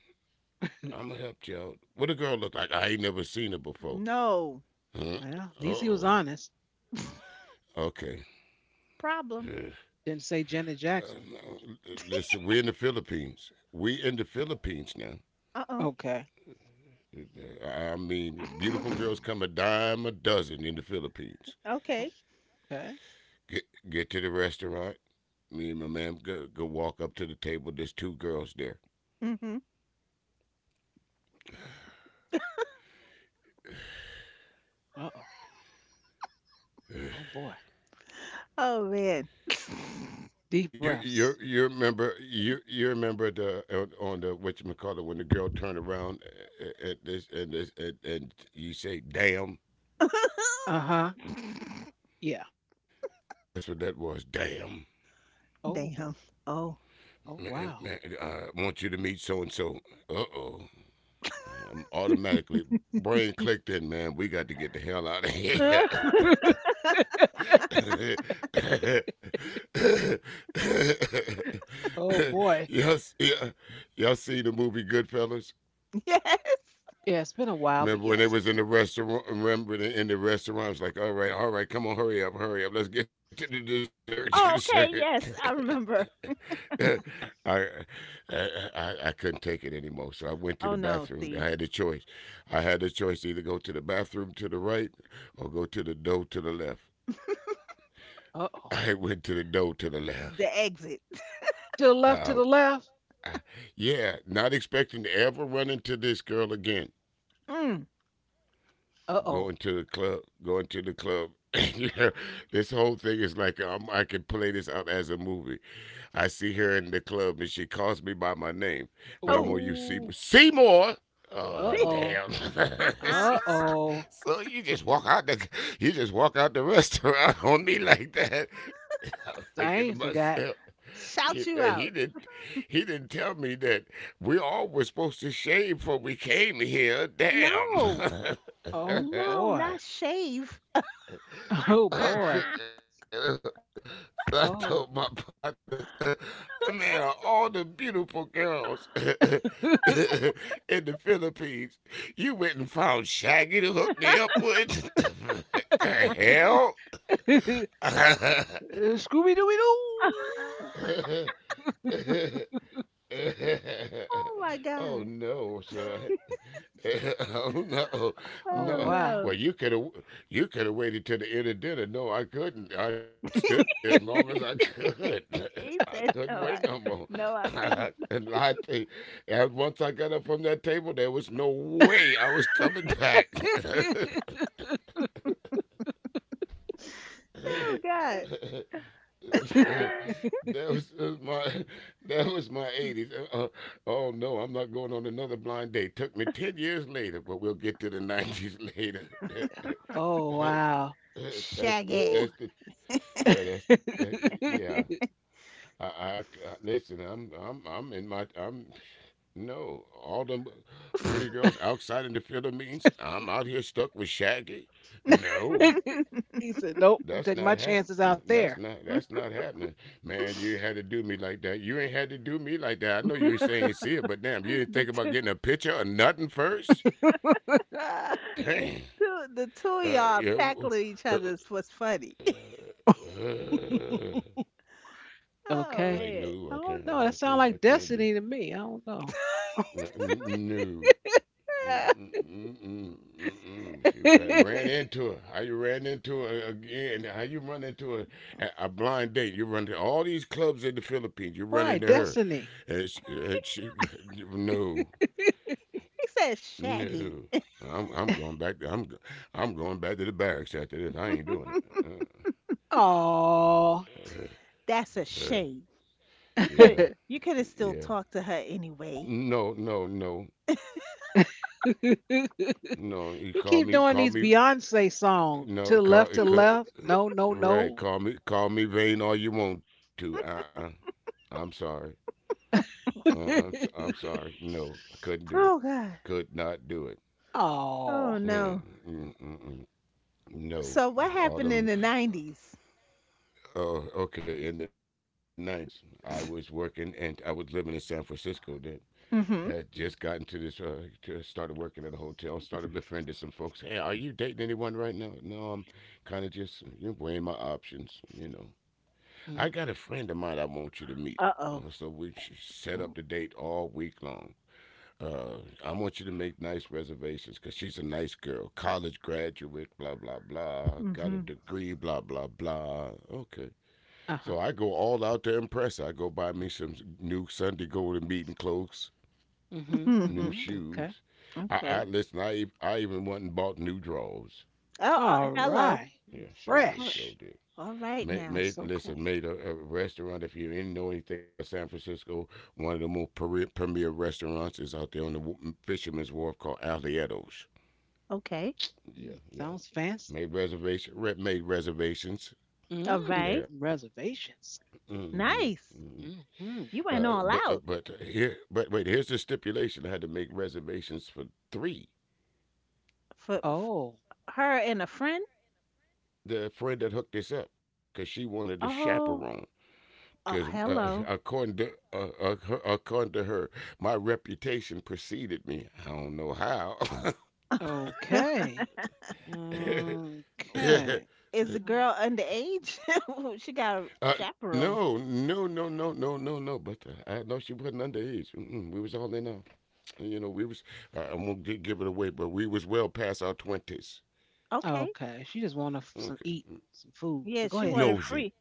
Speaker 3: I'ma help you out. What a girl look like? I ain't never seen her before.
Speaker 2: No.
Speaker 3: Huh?
Speaker 1: Well, at
Speaker 3: Uh
Speaker 1: least he was
Speaker 3: oh.
Speaker 1: honest.
Speaker 3: Okay.
Speaker 2: Problem.
Speaker 1: Didn't say Janet Jackson.
Speaker 3: No. Listen, we're in the Philippines. We in the Philippines now.
Speaker 2: Uh-uh.
Speaker 1: Okay.
Speaker 3: Uh, I mean, beautiful girls come a dime a dozen in the Philippines.
Speaker 2: Okay.
Speaker 1: Okay.
Speaker 3: Get to the restaurant. Me and my man go walk up to the table. There's two girls there.
Speaker 2: Mm-hmm.
Speaker 1: Uh-oh. Oh boy.
Speaker 2: Oh, man.
Speaker 1: Deep breaths.
Speaker 3: You you remember the on the what you call it when the girl turned around and this and you say damn?
Speaker 1: Uh-huh. Yeah.
Speaker 3: That's what that was. Damn,
Speaker 1: Oh.
Speaker 2: Damn. Oh.
Speaker 1: Oh
Speaker 3: man,
Speaker 1: wow.
Speaker 3: I want you to meet so and so. Uh oh. I'm automatically brain clicked in. Man, we got to get the hell out of here.
Speaker 1: Oh boy.
Speaker 3: y'all, y'all, y'all seen the movie Goodfellas?
Speaker 2: Yes.
Speaker 1: Yeah, it's been a while,
Speaker 3: Remember
Speaker 1: but
Speaker 3: when they
Speaker 1: yes.
Speaker 3: was in the restaurant? Remember in the restaurant? It's like, all right, come on, hurry up, let's get to the
Speaker 2: Oh, okay.
Speaker 3: dessert.
Speaker 2: Yes, I remember.
Speaker 3: I, I I couldn't take it anymore, so I went to
Speaker 2: Oh,
Speaker 3: the
Speaker 2: no.
Speaker 3: bathroom.
Speaker 2: See,
Speaker 3: I had the choice. I had the choice to either go to the bathroom to the right or go to the door to the left.
Speaker 1: Uh-oh.
Speaker 3: I went to the door to the left.
Speaker 2: the exit.
Speaker 1: To the left, to
Speaker 3: Uh,
Speaker 1: the left.
Speaker 3: yeah, not expecting to ever run into this girl again.
Speaker 2: Mm.
Speaker 1: Uh-oh.
Speaker 3: Going to the club, going to the club. Yeah, this whole thing is like I could play this out as a movie. I see her in the club and she calls me by my name, but I'm gonna
Speaker 2: Oh,
Speaker 3: use Seymour.
Speaker 1: Ooh.
Speaker 3: Seymour. Oh
Speaker 2: see.
Speaker 1: Uh-oh.
Speaker 3: damn! She's-
Speaker 1: Uh-oh.
Speaker 3: so you just walk out the you just walk out the restaurant on me like that. I'm thinking
Speaker 1: I
Speaker 3: to
Speaker 1: ain't
Speaker 3: myself,
Speaker 1: forgot.
Speaker 2: Shout
Speaker 3: man,
Speaker 2: you out.
Speaker 3: he didn't tell me that we all were supposed to shave before we came here.
Speaker 2: No,
Speaker 3: Damn.
Speaker 1: Oh
Speaker 2: no,
Speaker 1: boy.
Speaker 2: not shave.
Speaker 1: Oh
Speaker 3: I
Speaker 1: boy.
Speaker 3: think, so I told my
Speaker 1: Oh.
Speaker 3: partner, man, of all the beautiful girls in the Philippines, you went and found Shaggy to hook me up with? The hell?
Speaker 1: Scooby Dooby Doo.
Speaker 2: Oh my
Speaker 3: Oh
Speaker 2: god.
Speaker 3: no, son. Oh no,
Speaker 1: Oh
Speaker 2: Oh
Speaker 3: no.
Speaker 1: wow.
Speaker 3: Well,
Speaker 2: no.
Speaker 3: you could have waited till the end of dinner. No, I couldn't. I stood there as long as I could. I
Speaker 2: He
Speaker 3: couldn't
Speaker 2: said,
Speaker 3: wait no
Speaker 2: "No,
Speaker 3: more.
Speaker 2: no, I
Speaker 3: I
Speaker 2: couldn't."
Speaker 3: couldn't lie to you. And once I got up from that table, there was no way I was coming back.
Speaker 2: Oh god.
Speaker 3: So that was my that was my eighties. Oh no, I'm not going on another blind date. Took me 10 years later, but we'll get to the 90s later.
Speaker 1: Oh wow.
Speaker 2: Shaggy.
Speaker 3: That's the yeah that's the
Speaker 1: Woo.
Speaker 3: yeah. I listen. I'm in my I'm no all them pretty girls outside in the field of means, I'm out here stuck with Shaggy. No,
Speaker 1: He said, Nope, I'm taking
Speaker 3: that's
Speaker 1: my
Speaker 3: not
Speaker 1: chances
Speaker 3: happening.
Speaker 1: out there.
Speaker 3: That's not happening, man. You had to do me like that. You ain't had to do me like that. I know you ain't saying see it, but damn, you didn't
Speaker 2: the
Speaker 3: think
Speaker 2: two,
Speaker 3: about getting a picture or nothing first.
Speaker 2: the
Speaker 3: Damn.
Speaker 2: two, the two of y'all
Speaker 3: Yeah.
Speaker 2: tackling each
Speaker 3: Uh,
Speaker 2: other was funny.
Speaker 3: uh, uh,
Speaker 2: Oh
Speaker 1: Okay.
Speaker 3: like
Speaker 2: man.
Speaker 3: no, I
Speaker 1: I
Speaker 3: can't.
Speaker 1: don't know.
Speaker 3: I
Speaker 1: That
Speaker 3: can't.
Speaker 1: sounds
Speaker 3: I
Speaker 1: like
Speaker 3: can't do.
Speaker 1: destiny to me. I don't know.
Speaker 3: n- No. Mm-mm-mm-mm-mm. She
Speaker 2: he,
Speaker 3: I
Speaker 2: he
Speaker 3: ran into her. How you ran into her again? How you run into her at a blind date? You run to all these clubs in the Philippines. You run
Speaker 1: Right,
Speaker 3: into her,
Speaker 1: destiny.
Speaker 3: and she no,
Speaker 2: said, "Shaggy."
Speaker 3: no. I'm going back. I'm going back to the barracks after this. I ain't doing it.
Speaker 1: Oh,
Speaker 2: That's a
Speaker 3: Uh, uh,
Speaker 2: shame. You
Speaker 1: he
Speaker 3: yeah,
Speaker 2: could you could have still
Speaker 3: yeah.
Speaker 2: talked to her anyway.
Speaker 3: No, no, no, no,
Speaker 1: keep doing these
Speaker 3: called me,
Speaker 1: Beyonce songs to the
Speaker 3: no,
Speaker 1: left, to the
Speaker 3: call it
Speaker 1: left.
Speaker 3: could,
Speaker 1: No, no,
Speaker 3: right,
Speaker 1: no.
Speaker 3: call me vain all you want to. Uh-uh, I'm sorry. Uh-uh, I'm sorry. No, I couldn't do it.
Speaker 2: Oh god.
Speaker 3: Could not do it.
Speaker 2: Oh
Speaker 1: Oh,
Speaker 3: Mm,
Speaker 2: no.
Speaker 3: mm. No,
Speaker 2: So what
Speaker 3: all
Speaker 2: happened
Speaker 3: them.
Speaker 2: in the 90s?
Speaker 3: Oh, okay. In the 90s, I was working and I was living in San Francisco then, had just
Speaker 2: Mm-hmm.
Speaker 3: gotten to this, started working at a hotel, started befriending some folks. Hey, are you dating anyone right now? No, I'm kind of just you know, weighing my options, you know. I got a friend of mine I want you to meet.
Speaker 2: Uh-oh.
Speaker 3: So we set up the date all week long. Uh, I want you to make nice reservations because she's a nice girl, college graduate, blah, blah, blah, got a
Speaker 2: Mhm.
Speaker 3: degree, blah, blah, blah. Okay.
Speaker 1: uh huh,
Speaker 3: So I go all out to impress. I go buy me some new Sunday golden meeting clothes,
Speaker 1: mm-hmm, mm-hmm.
Speaker 3: new
Speaker 2: Mhm.
Speaker 1: Okay,
Speaker 3: shoes. I,
Speaker 2: Okay.
Speaker 3: I
Speaker 1: mm.
Speaker 3: listen. I even went and bought new drawers.
Speaker 2: Oh,
Speaker 1: All
Speaker 2: hello.
Speaker 1: right,
Speaker 3: Yeah, sure did,
Speaker 2: Oh,
Speaker 3: sure
Speaker 1: fresh
Speaker 3: did.
Speaker 2: all right
Speaker 3: Made,
Speaker 2: now.
Speaker 1: and
Speaker 3: made
Speaker 1: so
Speaker 3: listen,
Speaker 1: clean.
Speaker 3: made a restaurant. If you didn't know anything about San Francisco, one of the more premier restaurants is out there on the Fisherman's Wharf called Alieto's.
Speaker 2: Okay.
Speaker 3: Yeah,
Speaker 1: Mm,
Speaker 3: yeah.
Speaker 1: sounds fancy.
Speaker 3: Made reservation, made reservations
Speaker 2: All
Speaker 1: Mm,
Speaker 2: right.
Speaker 3: there.
Speaker 1: reservations.
Speaker 3: Mm-hmm.
Speaker 2: Nice.
Speaker 3: Hmm.
Speaker 1: Hmm.
Speaker 2: You went all out
Speaker 3: But here, but wait, here's the stipulation. I had to make reservations for three.
Speaker 2: for, f
Speaker 1: Oh,
Speaker 2: her and a friend.
Speaker 3: The friend that hooked us up because she wanted a
Speaker 2: Oh,
Speaker 3: chaperone.
Speaker 2: oh,
Speaker 3: Because
Speaker 2: hello.
Speaker 3: according to her, my reputation preceded me. I don't know how.
Speaker 1: okay. Okay. Mm,
Speaker 2: What, is the girl underage? She got a chaperone.
Speaker 3: No, no, no, no, no, no, no. But I know she wasn't underage. Mm-mm, we was all in. You know, we was. I won't give it away, but we was well past our twenties.
Speaker 2: Okay.
Speaker 1: okay. She just want some
Speaker 3: Okay,
Speaker 1: eat some food,
Speaker 2: Yeah,
Speaker 1: but go
Speaker 2: she
Speaker 1: ahead.
Speaker 2: wanted
Speaker 3: nosy.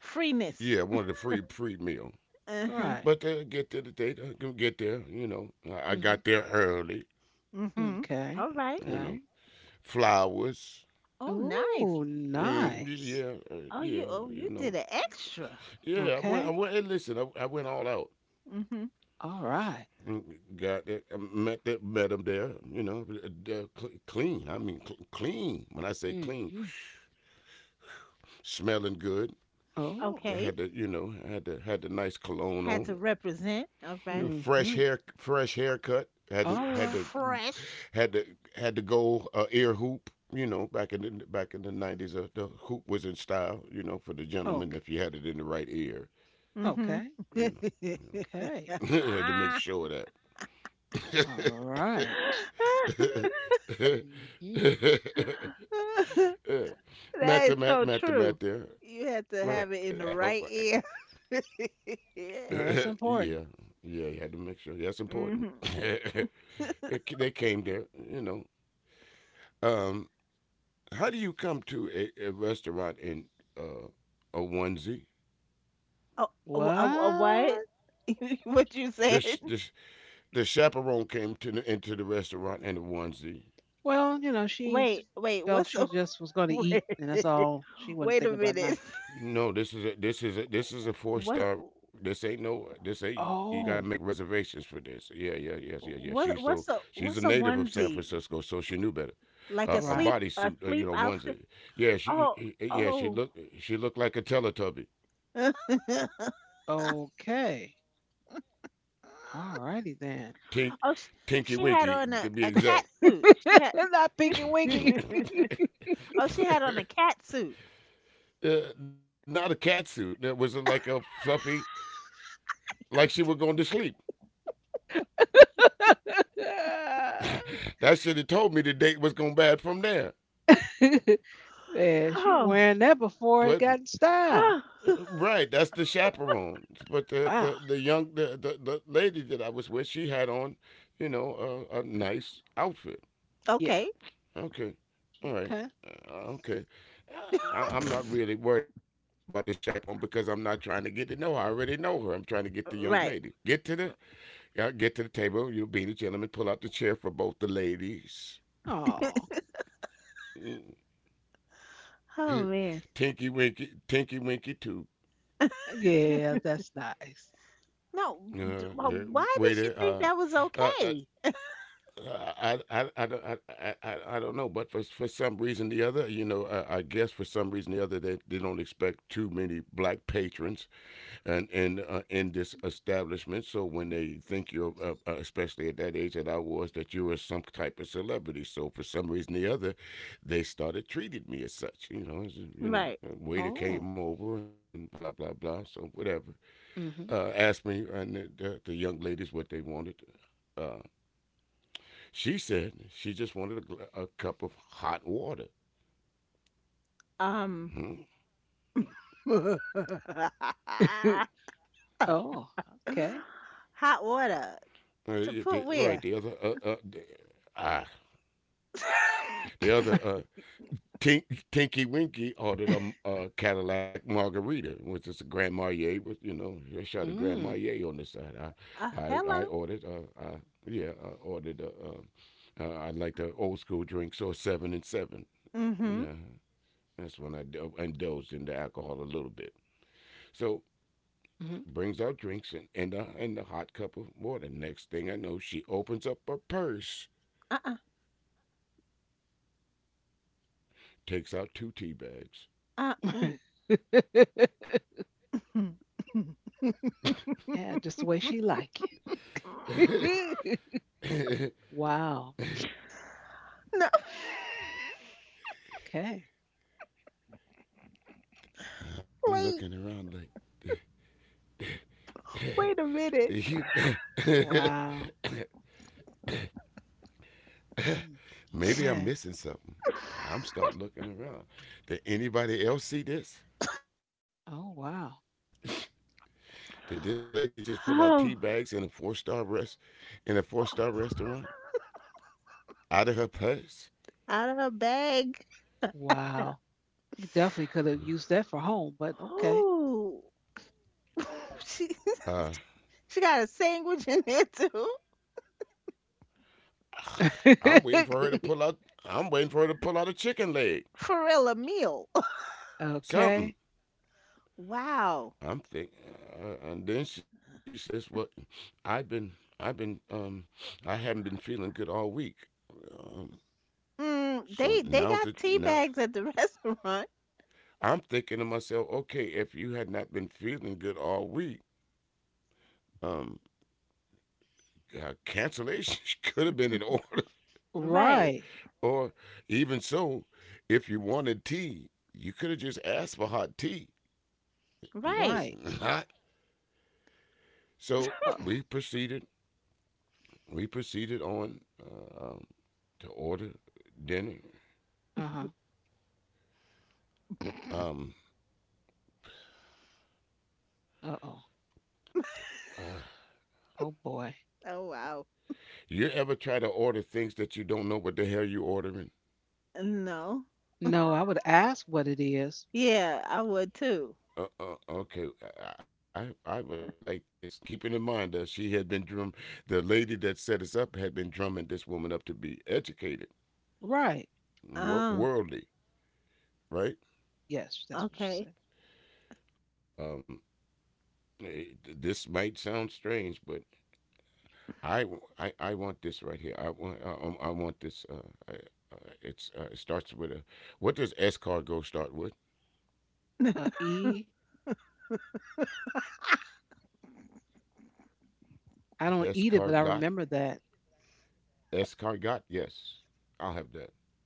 Speaker 2: freeness.
Speaker 3: Yeah, I wanted a free meal.
Speaker 2: Uh huh.
Speaker 1: Right.
Speaker 3: But they'll get to the date. Go get there. You know, I
Speaker 1: Hmm.
Speaker 3: got there early.
Speaker 2: Mhm.
Speaker 1: Okay.
Speaker 2: All right.
Speaker 3: You know,
Speaker 1: Okay.
Speaker 3: flowers
Speaker 2: Oh, nice.
Speaker 1: Ooh,
Speaker 3: and
Speaker 1: nice.
Speaker 3: yeah.
Speaker 2: Oh, you
Speaker 3: You
Speaker 2: did
Speaker 3: know,
Speaker 2: an extra.
Speaker 3: yeah. I went. I
Speaker 1: Okay.
Speaker 3: went. And listen, I went all out.
Speaker 2: Mhm.
Speaker 1: All right.
Speaker 3: Mm, got that. I met that. Met them there. You know, they're clean. I mean, clean. When I say clean,
Speaker 1: Mm-hmm.
Speaker 3: smelling good.
Speaker 1: Oh.
Speaker 3: I
Speaker 2: Okay.
Speaker 3: had the, you know, I had the nice cologne
Speaker 2: Had to
Speaker 3: on.
Speaker 2: represent. All right.
Speaker 3: Fresh
Speaker 1: Mm-hmm.
Speaker 3: hair, fresh haircut.
Speaker 1: All right.
Speaker 2: Fresh.
Speaker 3: Had to Had to go ear hoop. You know, back in the 90s, the hoop was in style. You know, for the gentleman
Speaker 1: Okay.
Speaker 3: if you had it in the right ear.
Speaker 2: Mhm.
Speaker 1: Okay.
Speaker 3: You know,
Speaker 1: Okay.
Speaker 3: you know. Had to make
Speaker 2: Ah.
Speaker 3: sure of that.
Speaker 1: All right. Mm-hmm.
Speaker 2: That is so
Speaker 3: Matt
Speaker 2: true.
Speaker 3: there.
Speaker 2: You have
Speaker 3: Right.
Speaker 2: to have it in the right ear.
Speaker 1: Yeah, that's
Speaker 3: Yeah.
Speaker 1: important.
Speaker 3: Yeah, you had to make sure. That's important.
Speaker 2: Mhm.
Speaker 3: They came there, you know. Um, How do you come to a restaurant in uh, a onesie?
Speaker 2: Oh, a what?
Speaker 1: What?
Speaker 2: What you
Speaker 3: The, sh-
Speaker 2: said?
Speaker 3: the, sh- the chaperone came to the, into the restaurant in a onesie.
Speaker 1: Well, you know,
Speaker 2: Wait, wait,
Speaker 1: felt
Speaker 2: what's
Speaker 1: she
Speaker 2: a
Speaker 1: just was going to
Speaker 2: Wait,
Speaker 1: eat, and that's all. She wasn't
Speaker 2: wait a
Speaker 1: thinking about
Speaker 2: minute.
Speaker 1: nothing.
Speaker 3: No, this is a four
Speaker 2: What
Speaker 3: star. This ain't no this ain't you got to make
Speaker 1: Oh,
Speaker 3: reservations for this. Yeah, yeah, yes, yeah, yeah. She's a native
Speaker 2: what's
Speaker 3: of
Speaker 2: a
Speaker 3: San Francisco,
Speaker 2: onesie?
Speaker 3: so she knew better. A
Speaker 2: Like a
Speaker 1: right.
Speaker 3: bodysuit, you know,
Speaker 2: sleep
Speaker 3: onesie.
Speaker 2: outfit?
Speaker 3: Yeah,
Speaker 2: Oh, oh.
Speaker 3: she looked like a Teletubby,
Speaker 1: Okay. All righty then.
Speaker 2: Oh,
Speaker 3: Tink,
Speaker 2: she
Speaker 3: Tinky
Speaker 2: had on
Speaker 3: Winky
Speaker 2: a
Speaker 3: to be
Speaker 2: cat
Speaker 3: exact.
Speaker 2: suit. She had
Speaker 1: Not Pinky Winky.
Speaker 2: Oh, she had on a cat suit.
Speaker 3: uh, Not a cat suit. That was like a fluffy, like she was going to sleep. That should have told me the date was going bad from there.
Speaker 1: Yeah, she
Speaker 2: Oh.
Speaker 1: wearing that before it
Speaker 3: But
Speaker 1: got in style.
Speaker 3: right, that's the chaperone. But
Speaker 1: Wow.
Speaker 3: the young the lady that I was with, she had on, you know, a nice outfit.
Speaker 1: Yeah.
Speaker 2: Okay.
Speaker 3: Okay, all right,
Speaker 1: Okay.
Speaker 3: okay. I'm not really worried about the chaperone because I'm not trying to get to know her. I already know her. I'm trying to get the young
Speaker 2: Right.
Speaker 3: lady. Get to the y'all get to the table, you be the gentleman, pull out the chair for both the ladies.
Speaker 1: Oh,
Speaker 2: Oh man.
Speaker 3: Tinky Winky too.
Speaker 1: yeah, that's nice.
Speaker 2: No,
Speaker 3: Uh, uh,
Speaker 2: why
Speaker 3: waiter,
Speaker 2: did she think that was okay?
Speaker 3: I, I, I, don't- I, I don't know, but for some reason or the other, you know, I guess for some reason or the other, they don't expect too many black patrons. And in this establishment. So when they think you're, especially at that age that I was, that you were some type of celebrity. So for some reason or the other, they started treating me as such. You know, as, you know,
Speaker 2: Right.
Speaker 3: a waiter
Speaker 1: Oh.
Speaker 3: came over and blah blah blah. So whatever,
Speaker 1: Hmm.
Speaker 3: asked me and the young ladies what they wanted. Uh, she said she just wanted a cup of hot water.
Speaker 2: Um
Speaker 3: Hmm?
Speaker 2: Hot
Speaker 1: Oh, okay.
Speaker 2: water to put
Speaker 3: Right, the
Speaker 2: where?
Speaker 3: other, the, ah, the other Tink, Tinky Winky ordered a Cadillac Margarita, which is a Grand Marnier. With you know, a shot of Grand
Speaker 1: Mm.
Speaker 3: Marnier on this side.
Speaker 2: uh,
Speaker 3: I
Speaker 2: hello.
Speaker 3: ordered. I ordered. I like the old school drink, so seven and seven.
Speaker 2: Mm-hmm.
Speaker 3: Yeah, that's when I indulged in the alcohol a little bit. So brings out drinks and and the hot cup of water. Next thing I know, she opens up her purse,
Speaker 2: Uh-uh.
Speaker 3: takes out two tea bags.
Speaker 1: Hmm.
Speaker 2: Ooh. Mm. Mm.
Speaker 1: Yeah, just the way she like it. Wow.
Speaker 2: No.
Speaker 1: Okay.
Speaker 3: I'm
Speaker 2: Wait.
Speaker 3: looking around like.
Speaker 2: Wait a minute.
Speaker 3: You?
Speaker 1: Wow. Mm.
Speaker 3: Maybe I'm
Speaker 1: Okay.
Speaker 3: missing something. I'm starting looking around. Did anybody else see this?
Speaker 1: Oh wow.
Speaker 3: Did this lady just pull out tea
Speaker 2: Oh.
Speaker 3: bags in a four-star rest in a four-star restaurant out of her purse?
Speaker 2: Out of her bag.
Speaker 1: Wow. You definitely could have used that for home, but okay.
Speaker 2: Ooh. she
Speaker 3: Uh,
Speaker 2: she got a sandwich in there too.
Speaker 3: I'm waiting for her to pull out. I'm waiting for her to pull out a chicken
Speaker 2: For
Speaker 3: leg.
Speaker 2: real, a meal.
Speaker 1: Okay.
Speaker 3: Something.
Speaker 2: Wow.
Speaker 3: I'm thinking. And then she says, "Well, I've been, I've been, I haven't been feeling good all week." Um,
Speaker 2: Mm, they
Speaker 3: so
Speaker 2: they got
Speaker 3: now's the
Speaker 2: tea
Speaker 3: now
Speaker 2: bags at the restaurant.
Speaker 3: I'm thinking to myself, okay, if you had not been feeling good all week, um, cancellation could have been in order.
Speaker 2: Right.
Speaker 1: Right.
Speaker 3: Or even so, if you wanted tea, you could have just asked for hot tea.
Speaker 1: Right.
Speaker 2: Right.
Speaker 3: It's not.
Speaker 1: Uh
Speaker 3: So we proceeded. We proceeded on to order dinner.
Speaker 1: huh.
Speaker 3: Um,
Speaker 1: Uh oh.
Speaker 3: uh,
Speaker 1: Oh boy.
Speaker 2: Oh wow.
Speaker 3: you ever try to order things that you don't know what the hell you are ordering?
Speaker 2: No.
Speaker 1: No, I would ask what it is.
Speaker 2: Yeah, I would too.
Speaker 3: Okay, I would like this. Keeping in mind that she had been drum, the lady that set us up had been drumming this woman up to be educated,
Speaker 1: Right.
Speaker 2: Oh,
Speaker 3: worldly, right?
Speaker 1: Yes, that's what she
Speaker 2: okay.
Speaker 1: said.
Speaker 3: Um, this might sound strange, but I want this right here. I want this. I, it's it starts with a. What does escargot start with?
Speaker 1: E. I don't eat it, but I
Speaker 3: Escargot.
Speaker 1: remember that.
Speaker 3: Escargot. Yes, I'll have that.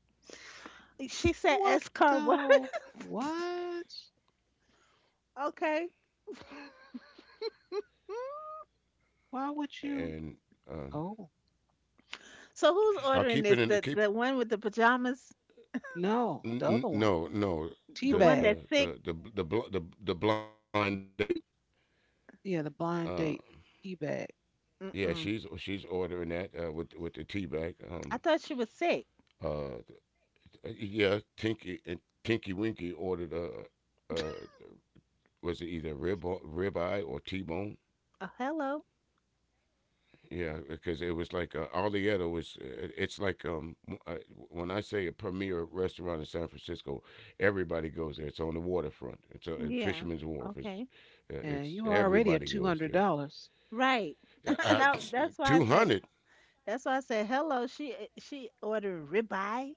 Speaker 2: She said
Speaker 1: What
Speaker 2: S car what?
Speaker 1: though? What?
Speaker 2: Okay.
Speaker 1: Why would you?
Speaker 3: And um,
Speaker 1: Oh,
Speaker 2: So who's ordering
Speaker 3: I'll
Speaker 2: this?
Speaker 3: keep
Speaker 2: The
Speaker 3: it in
Speaker 2: the
Speaker 3: keep
Speaker 2: one with the pajamas?
Speaker 1: no, the other
Speaker 3: N-
Speaker 1: one.
Speaker 3: n- no, no.
Speaker 2: The one
Speaker 1: Teabag.
Speaker 2: that's sick?
Speaker 3: The blind date.
Speaker 1: Yeah, the blind
Speaker 3: Um,
Speaker 1: date teabag.
Speaker 3: yeah,
Speaker 2: Mm-mm.
Speaker 3: she's ordering that with the tea bag.
Speaker 2: I thought she was sick.
Speaker 3: Uh, yeah, Tinky Winky ordered was it either ribeye or T-bone?
Speaker 2: Oh, hello.
Speaker 3: Yeah, because it was like Alietto was. It's like um, w- uh, when I say a premier restaurant in San Francisco, everybody goes there. It's on the waterfront. It's in
Speaker 2: Yeah.
Speaker 3: Fisherman's Wharf.
Speaker 2: Okay.
Speaker 1: And you are
Speaker 3: It's
Speaker 1: already at
Speaker 3: Everybody goes there.
Speaker 1: $200
Speaker 2: Right.
Speaker 3: Uh,
Speaker 2: Now,
Speaker 3: 200.
Speaker 2: that's why I said hello. She ordered ribeye.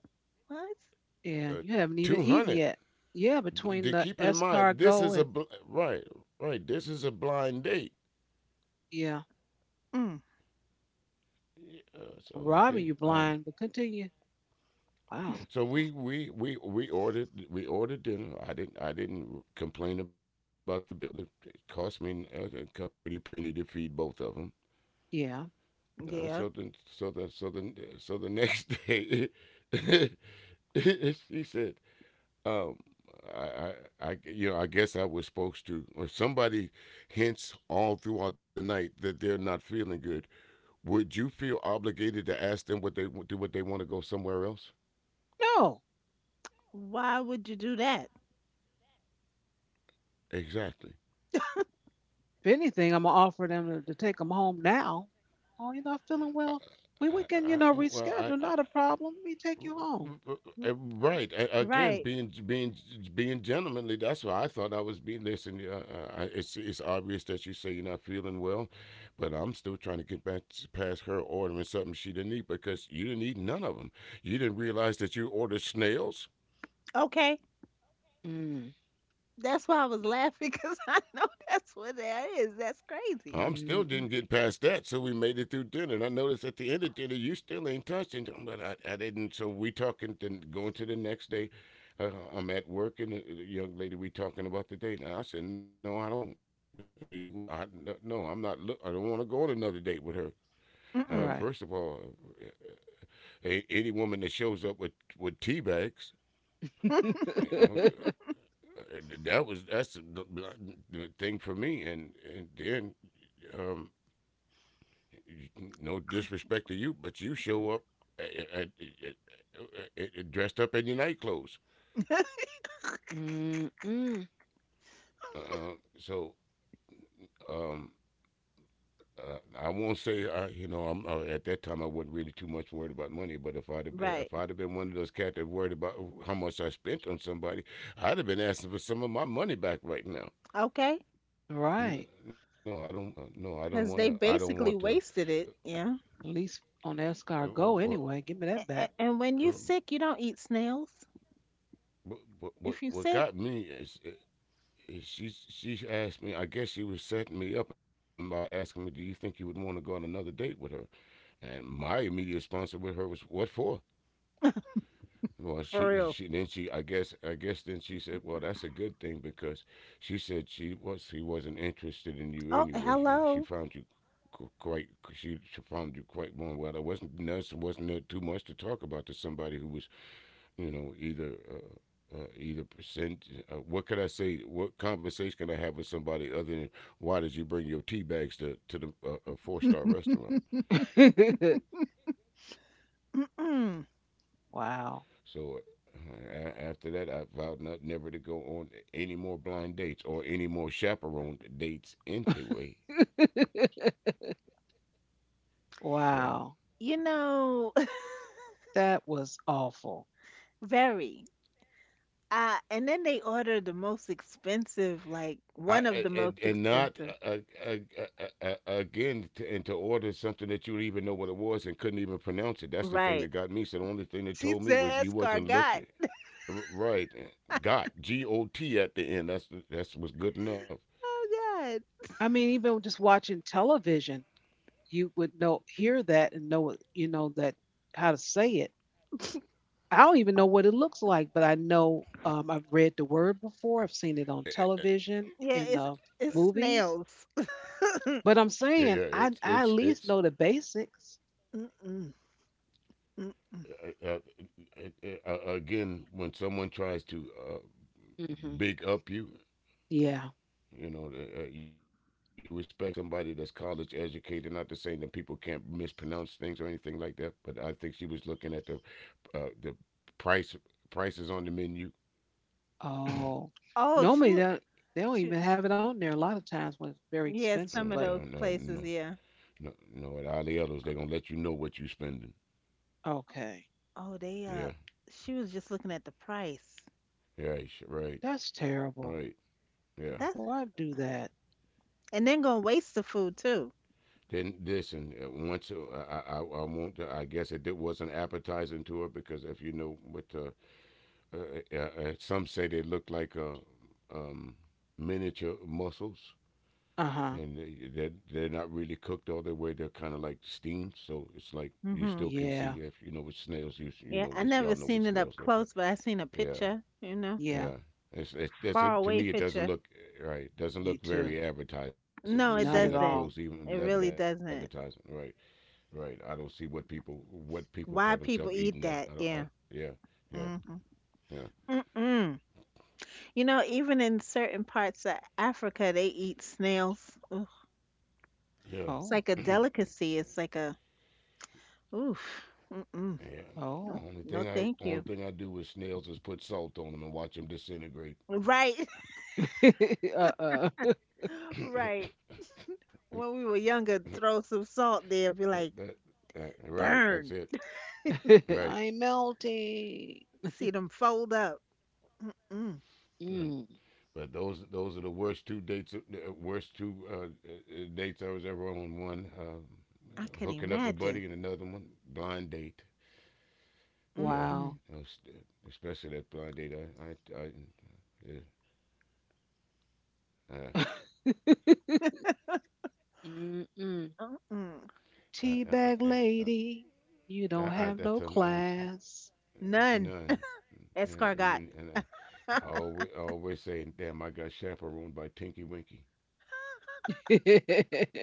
Speaker 2: What?
Speaker 1: and
Speaker 3: Uh,
Speaker 1: you haven't even eaten
Speaker 3: 200.
Speaker 1: yet. Yeah, between
Speaker 3: To
Speaker 1: the
Speaker 3: keep it in mind, this is a
Speaker 1: escargot and,
Speaker 3: bl- right, right. This is a blind date.
Speaker 1: yeah,
Speaker 2: Mm.
Speaker 3: Yeah, so okay.
Speaker 1: robbing you blind, but continue. Wow.
Speaker 3: So we ordered dinner. I didn't complain about the bill. It cost me a pretty penny to feed both of them.
Speaker 1: Yeah.
Speaker 3: Uh, so the
Speaker 2: Yeah.
Speaker 3: so the so the so the next day, she said, Um, I, I, I, you know, I guess I was supposed to. If somebody hints all throughout the night that they're not feeling good, would you feel obligated to ask them what they do? What they want to go somewhere else?
Speaker 1: No.
Speaker 2: Why would you do that?
Speaker 3: Exactly.
Speaker 1: If anything, I'm going to offer them to take them home now. Oh, you're not feeling
Speaker 3: I,
Speaker 1: well? We can, you
Speaker 3: I,
Speaker 1: know,
Speaker 3: well,
Speaker 1: reschedule.
Speaker 3: I,
Speaker 1: Not a problem. We take you home.
Speaker 3: Uh, Right. Again,
Speaker 2: Right.
Speaker 3: being gentlemanly. That's why I thought I was being. Listen, it's obvious that you say you're not feeling well, but I'm still trying to get back to- past her ordering something she didn't eat because you didn't eat none of them. You didn't realize that you ordered snails.
Speaker 2: Okay.
Speaker 1: Mm,
Speaker 2: That's why I was laughing because I know that's what that is. That's crazy.
Speaker 3: I'm
Speaker 1: mm,
Speaker 3: still
Speaker 1: mm.
Speaker 3: didn't get past that, so we made it through dinner. And I noticed at the end of dinner, you still ain't touched but I didn't. So we talking, then going to the next day. I'm at work, and the young lady we talking about the date. And I said, no, I don't. You, I no, I'm not. Look, I don't want to go on another date with her. First of
Speaker 2: Mm-mm.
Speaker 1: Right.
Speaker 3: all, any woman that shows up with tea bags, you know, that's the thing for me. And then um, no disrespect to you, but you show up uh, uh, uh, dressed up in your night clothes.
Speaker 1: Mm-mm.
Speaker 3: Uh, so um, I won't say you know, I'm at that time I wasn't really too much worried about money. But if
Speaker 2: Right.
Speaker 3: I'd have been one of those cats that worried about how much I spent on somebody, I'd have been asking for some of my money back right now.
Speaker 2: Okay.
Speaker 1: Right.
Speaker 3: No, I don't. No, I don't want to. I don't
Speaker 2: Because they
Speaker 3: want to.
Speaker 2: basically wasted it. Yeah.
Speaker 1: At least on
Speaker 3: Uh, uh, uh,
Speaker 1: escargot anyway. Give me that
Speaker 2: And,
Speaker 1: back.
Speaker 3: uh,
Speaker 2: and when you sick, you don't eat snails.
Speaker 3: what
Speaker 2: If
Speaker 3: what
Speaker 2: you
Speaker 3: got
Speaker 2: sick,
Speaker 3: me is she asked me. I guess she was setting me up and by asking me, "Do you think you would want to go on another date with her?" And my immediate response with her was, "What for?" Well, she
Speaker 2: for
Speaker 3: she
Speaker 2: real.
Speaker 3: then she I guess then she said, "Well, that's a good thing because she said she wasn't interested in you
Speaker 2: Oh,
Speaker 3: anyway. She
Speaker 2: hello.
Speaker 3: found you qu- quite she found you quite warm. Well, there wasn't nothing wasn't too much to talk about to somebody who was you know, either either percent. What can I say? What conversation can I have with somebody other than why did you bring your tea bags to the a four-star restaurant?"
Speaker 2: Mm-mm.
Speaker 1: Wow.
Speaker 3: So after that, I vowed not never to go on any more blind dates or any more chaperoned dates. Anyway, yeah.
Speaker 1: Wow.
Speaker 2: You know,
Speaker 1: That was awful.
Speaker 2: very. And then they order the most expensive, like
Speaker 3: I
Speaker 2: one
Speaker 3: a-
Speaker 2: of the
Speaker 3: and
Speaker 2: most
Speaker 3: not
Speaker 2: expensive.
Speaker 3: uh, again to, and to order something that you didn't even know what it was and couldn't even pronounce it. That's the thing that
Speaker 2: Right.
Speaker 3: got me. So the only thing that
Speaker 2: She
Speaker 3: told me was
Speaker 2: said
Speaker 3: you wasn't
Speaker 2: escargot.
Speaker 3: looking. Right. Got G O T at the end. That's what's good enough.
Speaker 2: Oh, god.
Speaker 1: I mean, even just watching television, you would know hear that and know you know that how to say it. I don't even know what it looks like, but I know I've read the word before. I've seen it on television in
Speaker 2: Yeah,
Speaker 1: the
Speaker 2: it's
Speaker 1: movies.
Speaker 2: snails.
Speaker 3: Yeah,
Speaker 1: But
Speaker 3: yeah.
Speaker 1: I'm
Speaker 3: It's
Speaker 1: saying
Speaker 3: it's
Speaker 1: I
Speaker 3: it's
Speaker 1: I at least know the basics.
Speaker 2: Mm-mm, mm-mm.
Speaker 3: uh, again when someone tries to
Speaker 1: Hmm.
Speaker 3: big up you,
Speaker 1: Yeah.
Speaker 3: you know, you you respect somebody that's college educated. Not to say that people can't mispronounce things or anything like that, but I think she was looking at the the price prices on the menu.
Speaker 1: Oh,
Speaker 2: Oh, she
Speaker 1: normally
Speaker 2: was
Speaker 1: that they don't
Speaker 2: she
Speaker 1: even have it on there a lot of times when it's very
Speaker 2: yeah,
Speaker 1: expensive,
Speaker 2: some
Speaker 3: No,
Speaker 2: of
Speaker 1: but
Speaker 2: those
Speaker 3: no, no,
Speaker 2: places, yeah.
Speaker 3: no, no. At all the others, they're gonna let you know what you spending.
Speaker 1: okay.
Speaker 2: Oh, they
Speaker 3: Yeah,
Speaker 2: she was just looking at the price.
Speaker 3: yeah, right,
Speaker 1: That's terrible.
Speaker 3: right. Yeah.
Speaker 2: That's
Speaker 1: Why do that?
Speaker 2: and then gonna waste the food too.
Speaker 3: Then listen. Once I want. To, I guess was an appetizing to it because if you know what, uh, uh, some say they look like um, miniature mussels,
Speaker 1: Uh-huh.
Speaker 3: and they're not really cooked all the way. They're kind of like steamed, so it's like you
Speaker 2: Hmm.
Speaker 3: still can
Speaker 1: Yeah.
Speaker 3: see if you know what snails. You
Speaker 2: Yeah,
Speaker 3: you
Speaker 2: I
Speaker 3: know what
Speaker 2: never
Speaker 3: y'all know
Speaker 2: seen it
Speaker 3: what
Speaker 2: up
Speaker 3: snails look
Speaker 2: close, but
Speaker 3: like.
Speaker 2: I seen a
Speaker 3: Yeah,
Speaker 2: picture, you know,
Speaker 1: Yeah.
Speaker 3: yeah. It
Speaker 2: far
Speaker 3: doesn't
Speaker 2: away
Speaker 3: to me. It
Speaker 2: picture.
Speaker 3: doesn't look right.
Speaker 1: Me
Speaker 3: Doesn't look
Speaker 1: too.
Speaker 3: very advertising to
Speaker 2: No,
Speaker 3: see
Speaker 2: it
Speaker 3: it
Speaker 1: Not at
Speaker 3: up close,
Speaker 1: all.
Speaker 2: doesn't.
Speaker 3: even
Speaker 2: It
Speaker 3: 11
Speaker 2: really
Speaker 3: advertising. Right.
Speaker 2: doesn't.
Speaker 3: Right. I don't see what people call
Speaker 2: Why
Speaker 3: themselves eating
Speaker 2: people
Speaker 3: that.
Speaker 2: eat
Speaker 3: I don't.
Speaker 2: that? Yeah.
Speaker 3: Yeah. Yeah.
Speaker 2: Mhm. Mm-mm. You know, even in certain parts of Africa, they eat snails. Ugh.
Speaker 3: Yeah.
Speaker 2: It's
Speaker 1: Oh.
Speaker 2: like a
Speaker 3: Yeah.
Speaker 2: delicacy. It's like a oof. Mm-mm.
Speaker 3: yeah.
Speaker 2: No,
Speaker 1: Oh.
Speaker 2: no, thank
Speaker 3: Only
Speaker 2: you.
Speaker 3: thing I do with snails is put salt on them and watch them disintegrate.
Speaker 2: Right,
Speaker 1: Uh-uh.
Speaker 3: that,
Speaker 2: right. When we were younger, throw some salt there, be
Speaker 3: that-
Speaker 2: like,
Speaker 3: right. That's it.
Speaker 2: burn.
Speaker 3: Right.
Speaker 1: I'm melting.
Speaker 2: See them fold up. Mm-mm.
Speaker 3: But,
Speaker 1: Mm.
Speaker 3: those are the worst two dates. Worst two dates I was ever on. One
Speaker 2: I could
Speaker 3: hooking up a buddy,
Speaker 2: imagine.
Speaker 3: and another one blind date. Yeah,
Speaker 2: Mm-mm.
Speaker 1: Wow.
Speaker 3: that was, especially that blind date. Yeah, uh,
Speaker 1: Mm-mm.
Speaker 2: Mm-mm.
Speaker 3: I, I, I,
Speaker 1: Teabag
Speaker 3: I,
Speaker 1: lady, you don't
Speaker 3: I
Speaker 1: have
Speaker 3: that's
Speaker 1: no class.
Speaker 2: None.
Speaker 3: none. Uh,
Speaker 2: Escargot.
Speaker 3: Even I always say, damn, I got chaperoned by Tinky Winky.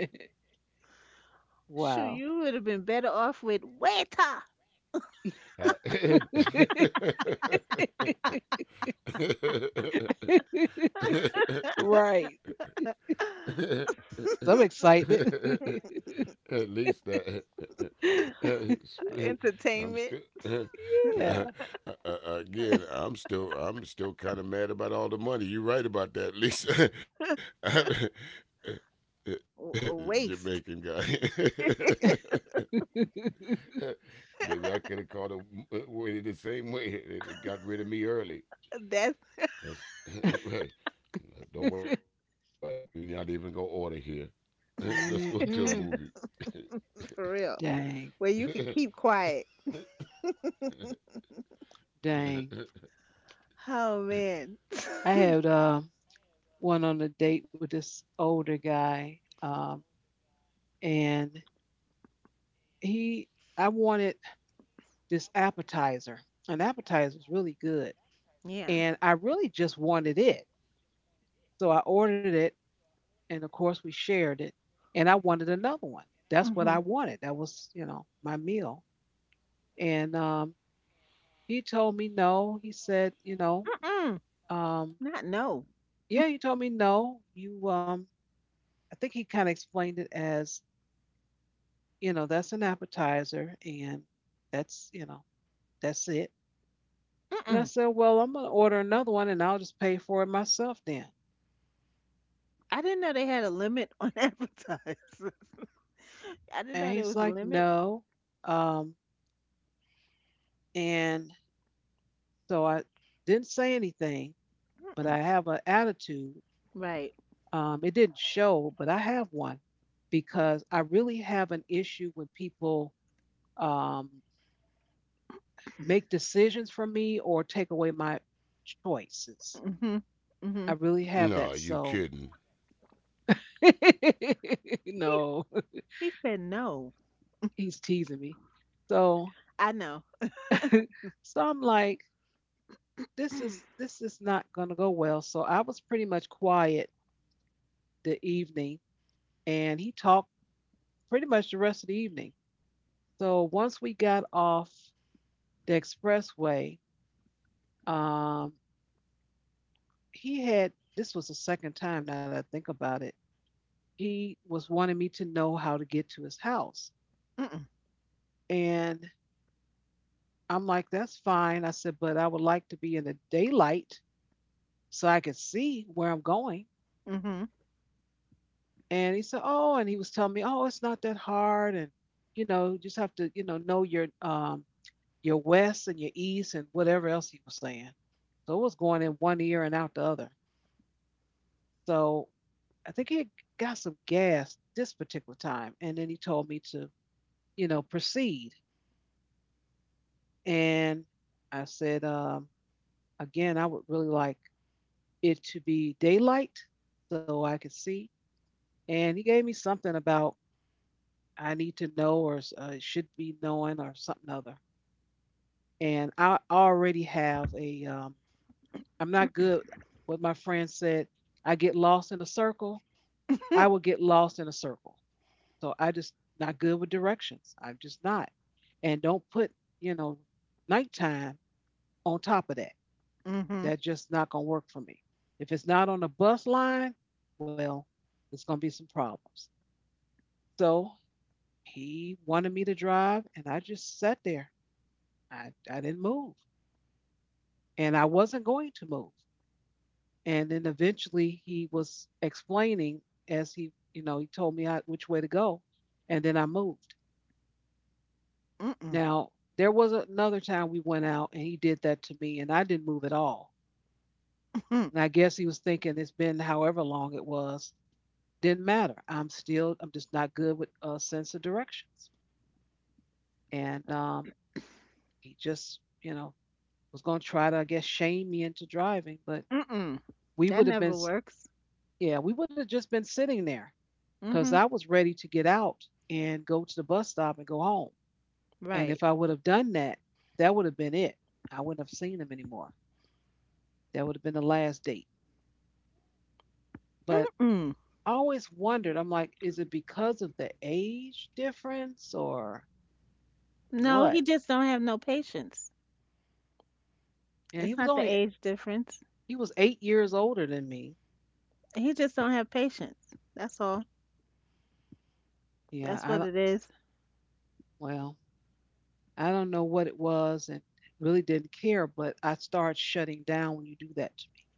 Speaker 2: Shoot,
Speaker 1: Wow.
Speaker 2: you would have been better off with waiter.
Speaker 3: I,
Speaker 1: Right. Some excitement.
Speaker 3: at least that I'm
Speaker 2: Entertainment.
Speaker 3: still uh,
Speaker 1: Yeah.
Speaker 3: uh, uh, again. I'm still kind of mad about all the money. You're right about that, Lisa. I- Jamaican guy.
Speaker 2: Waste.
Speaker 3: Maybe I could have called him waited the same way. It got rid of me early.
Speaker 2: That's
Speaker 3: That's right. Don't worry about it. We ain't not even gonna order here. Let's go to a movie.
Speaker 1: Mm-mm.
Speaker 2: for real.
Speaker 1: Dang.
Speaker 2: Where you could keep quiet.
Speaker 1: Dang.
Speaker 2: Oh man.
Speaker 1: I had one on a date with this older guy. And he I wanted this appetizer. An appetizer was really good.
Speaker 2: Yeah.
Speaker 1: And I really just wanted it. So I ordered it and of course we shared it. And I wanted another one. That's what I
Speaker 2: Mhm.
Speaker 1: wanted. That was, you know, my meal. And he told me no. He said, you know,
Speaker 2: Mm-mm.
Speaker 1: um,
Speaker 2: Not no.
Speaker 1: yeah, he told me no. I think he kind of explained it as, you know, that's an appetizer and that's, you know, that's it. And I
Speaker 2: Mm-mm.
Speaker 1: said, well, I'm going to order another one and I'll just pay for it myself then.
Speaker 2: I didn't know they had a limit on advertisers. I didn't
Speaker 1: And
Speaker 2: know there
Speaker 1: he's
Speaker 2: was a
Speaker 1: like,
Speaker 2: limit.
Speaker 1: no. Um, and so I didn't say anything, but
Speaker 2: Mm-mm.
Speaker 1: I have an attitude.
Speaker 2: Right.
Speaker 1: It didn't show, but I have one because I really have an issue when people um, make decisions for me or take away my choices.
Speaker 2: Mhm. Mhm.
Speaker 1: I really have
Speaker 3: No,
Speaker 1: that.
Speaker 3: you
Speaker 1: So,
Speaker 3: kidding?
Speaker 2: He
Speaker 1: no,
Speaker 2: he said no.
Speaker 1: he's teasing me. So,
Speaker 2: I know.
Speaker 1: so I'm like, this is not gonna go well. So I was pretty much quiet the evening, and he talked pretty much the rest of the evening. So once we got off the expressway, um, he had this was the second time now that I think about it. He was wanting me to know how to get to his house.
Speaker 2: Mm-mm.
Speaker 1: And I'm like, that's fine. I said, but I would like to be in the daylight so I could see where I'm going.
Speaker 2: Mhm.
Speaker 1: And he said, oh, and he was telling me, oh, it's not that hard. And, you know, you just have to, you know your west and your east and whatever else he was saying. So it was going in one ear and out the other. So I think he had got some gas this particular time. And then he told me to, you know, proceed. And I said, again, I would really like it to be daylight so I could see. And he gave me something about I need to know or should be knowing or something other. And I already have a, I'm not good. What my friend said, I get lost in a circle. I will get lost in a circle. So I just not good with directions. I'm just not. And don't put, you know, nighttime on top of that.
Speaker 2: Mhm.
Speaker 1: That's just not going to work for me. If it's not on the bus line, well, there's going to be some problems. So he wanted me to drive, and I just sat there. I didn't move, and I wasn't going to move. And then eventually he was explaining as he, you know, he told me which way to go, and then I moved.
Speaker 2: Mm-mm.
Speaker 1: Now, there was another time we went out and he did that to me, and I didn't move at all.
Speaker 2: Mm-mm.
Speaker 1: And I guess he was thinking it's been however long it was. Didn't matter. I'm still, I'm just not good with a sense of directions. And he just, you know, was going to try to, I guess, shame me into driving. But
Speaker 2: Mm-mm.
Speaker 1: we
Speaker 2: That
Speaker 1: would have been,
Speaker 2: never
Speaker 1: s-
Speaker 2: works.
Speaker 1: yeah, we would have just been sitting there because I
Speaker 2: Mhm.
Speaker 1: was ready to get out and go to the bus stop and go home. And
Speaker 2: Right.
Speaker 1: if I would have done that, that would have been it. I wouldn't have seen him anymore. That would have been the last date. But
Speaker 2: Mm-mm.
Speaker 1: I always wondered, I'm like, is it because of the age difference or
Speaker 2: No, he
Speaker 1: what?
Speaker 2: just don't have no patience.
Speaker 1: Yeah, he
Speaker 2: It's
Speaker 1: was
Speaker 2: not the
Speaker 1: only
Speaker 2: age difference.
Speaker 1: he was 8 years older than me.
Speaker 2: He just don't have patience. That's all.
Speaker 1: Yeah,
Speaker 2: That's
Speaker 1: I
Speaker 2: what
Speaker 1: don't-
Speaker 2: it is.
Speaker 1: well, I don't know what it was and really didn't care, but I started shutting down when you do that to me.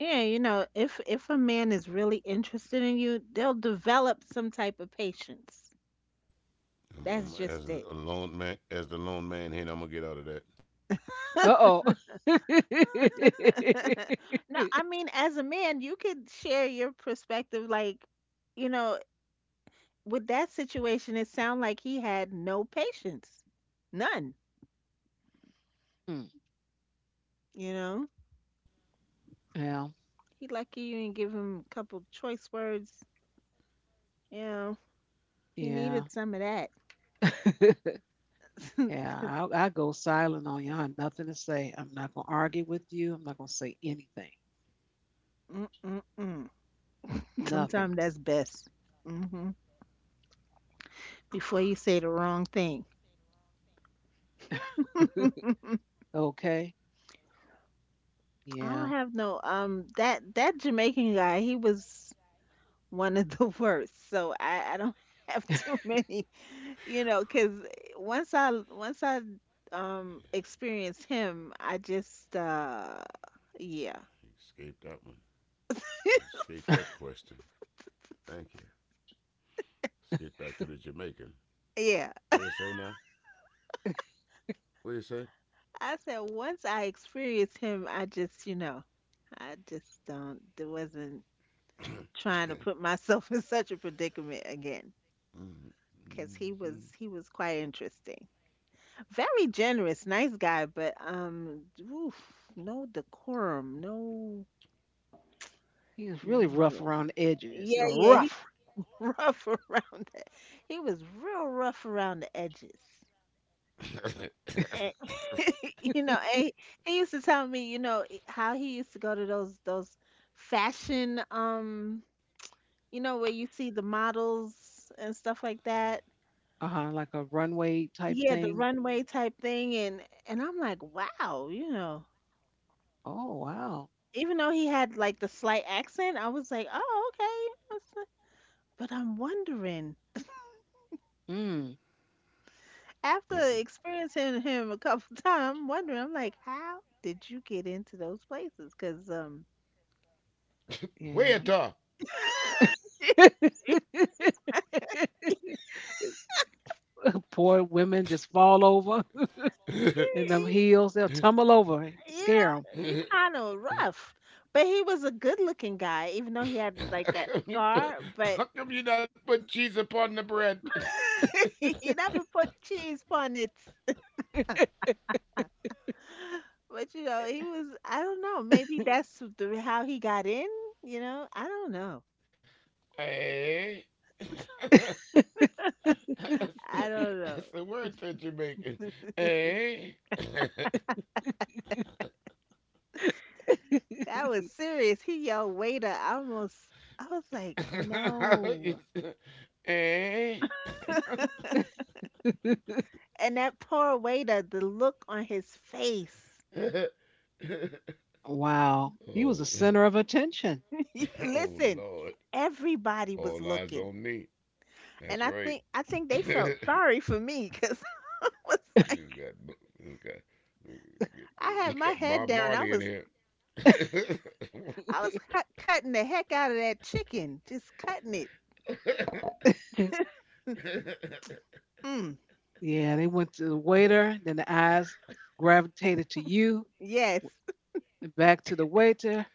Speaker 2: Yeah, you know, if a man is really interested in you, they'll develop some type of patience. That's
Speaker 3: I'm, as
Speaker 2: just
Speaker 3: a
Speaker 2: it.
Speaker 3: lone man, as the lone man here, I'm gonna get out of that.
Speaker 1: Uh oh.
Speaker 2: No, I mean, as a man, you could share your perspective. Like, you know, with that situation, it sounded like he had no patience, none.
Speaker 1: Hmm.
Speaker 2: You know,
Speaker 1: Well,
Speaker 2: he lucky you didn't give him a couple choice words. Yeah, he
Speaker 1: yeah.
Speaker 2: needed some of that.
Speaker 1: Yeah, I go silent on you. I have nothing to say. I'm not going to argue with you. I'm not going to say anything.
Speaker 2: Mm-mm-mm.
Speaker 1: Nothing.
Speaker 2: Sometimes that's best. Hmm. Before you say the wrong thing. I
Speaker 1: Okay.
Speaker 2: don't
Speaker 1: Yeah.
Speaker 2: have no that Jamaican guy, he was one of the worst. So I don't have too many, you know, cause once I experienced him, I just yeah.
Speaker 3: Escape that one. Escape that question. Thank you. Let's get back to the Jamaican.
Speaker 2: Yeah.
Speaker 3: What do you say now? What do you say?
Speaker 2: I said once I experienced him, I just, you know, I just don't there wasn't trying to put myself in such a predicament again because he was quite interesting, very generous, nice guy, but oof, no decorum, no.
Speaker 1: He was really
Speaker 2: Yeah,
Speaker 1: rough around the edges. You're
Speaker 2: yeah he
Speaker 1: rough.
Speaker 2: was rough around the he was real rough around the edges and, you know and he used to tell me you know how he used to go to those fashion, you know, where you see the models and stuff like that.
Speaker 1: Uh-huh, like a runway type
Speaker 2: Yeah, the
Speaker 1: thing.
Speaker 2: runway type thing. And I'm like, wow, you know.
Speaker 1: Oh, wow.
Speaker 2: Even though he had like the slight accent, I was like, oh, okay. That's not— But I'm wondering,
Speaker 1: Mm.
Speaker 2: after experiencing him a couple times, I'm wondering, I'm like, how did you get into those places? Because y-
Speaker 1: Yeah.
Speaker 3: Waiter.
Speaker 1: Poor women just fall over
Speaker 3: how
Speaker 1: in them
Speaker 2: you
Speaker 1: heels. They'll tumble over, scare
Speaker 2: know, you kind of rough. But he was a good-looking guy, even though he had like that
Speaker 3: come you?
Speaker 2: scar.
Speaker 3: put-
Speaker 2: But
Speaker 3: How come you not put cheese upon the bread?
Speaker 2: he never put cheese on it. But you know, he was I don't know, maybe that's the how he got in, you know? I don't know.
Speaker 3: Hey. That's,
Speaker 2: I don't
Speaker 3: the
Speaker 2: know.
Speaker 3: word that you're making. Eh?
Speaker 1: them.
Speaker 2: That was serious. He yelled waiter. I almost I was like, "No."
Speaker 3: eh?
Speaker 2: And that poor waiter, the look on his face.
Speaker 1: Wow. He was
Speaker 3: oh,
Speaker 1: a center of attention.
Speaker 2: You—
Speaker 3: oh,
Speaker 2: Listen,
Speaker 3: Lord.
Speaker 2: everybody
Speaker 3: All
Speaker 2: was
Speaker 3: eyes on
Speaker 2: looking.
Speaker 3: me. That's
Speaker 2: And
Speaker 3: right.
Speaker 2: I think they
Speaker 3: we
Speaker 2: felt sorry for me cuz I was like
Speaker 3: got, we got,
Speaker 2: I
Speaker 3: we
Speaker 2: had my
Speaker 3: got
Speaker 2: head
Speaker 3: Bob
Speaker 2: down.
Speaker 3: Marley in here. ah,
Speaker 2: I was cutting the heck out of that chicken, just cutting it. Hmm.
Speaker 1: Yeah, they went to the waiter, then the eyes gravitated to you,
Speaker 2: Yes,
Speaker 1: and back to the waiter,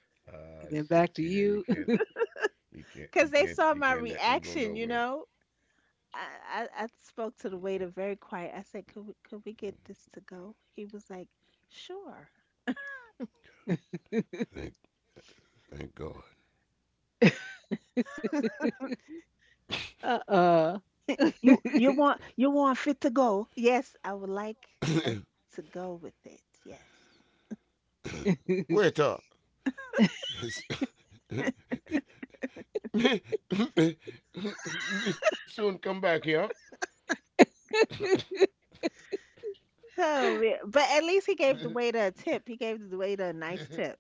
Speaker 1: and then back
Speaker 3: shit.
Speaker 1: to
Speaker 3: See there,
Speaker 1: you.
Speaker 2: because they
Speaker 3: you
Speaker 2: saw my
Speaker 3: can't let them go
Speaker 2: reaction, you
Speaker 3: nowhere.
Speaker 2: know. I, I spoke to the waiter very quiet. I said, Could we get this to go?" He was like, "Sure."
Speaker 3: Thank Thank God.
Speaker 1: uh uh
Speaker 2: You you want fit to go? Yes, I would like us to go with it. Yes.
Speaker 3: Wait up. me, me, me soon come back here.
Speaker 2: Oh, man. But at least he gave the waiter a tip. He gave the waiter a nice tip.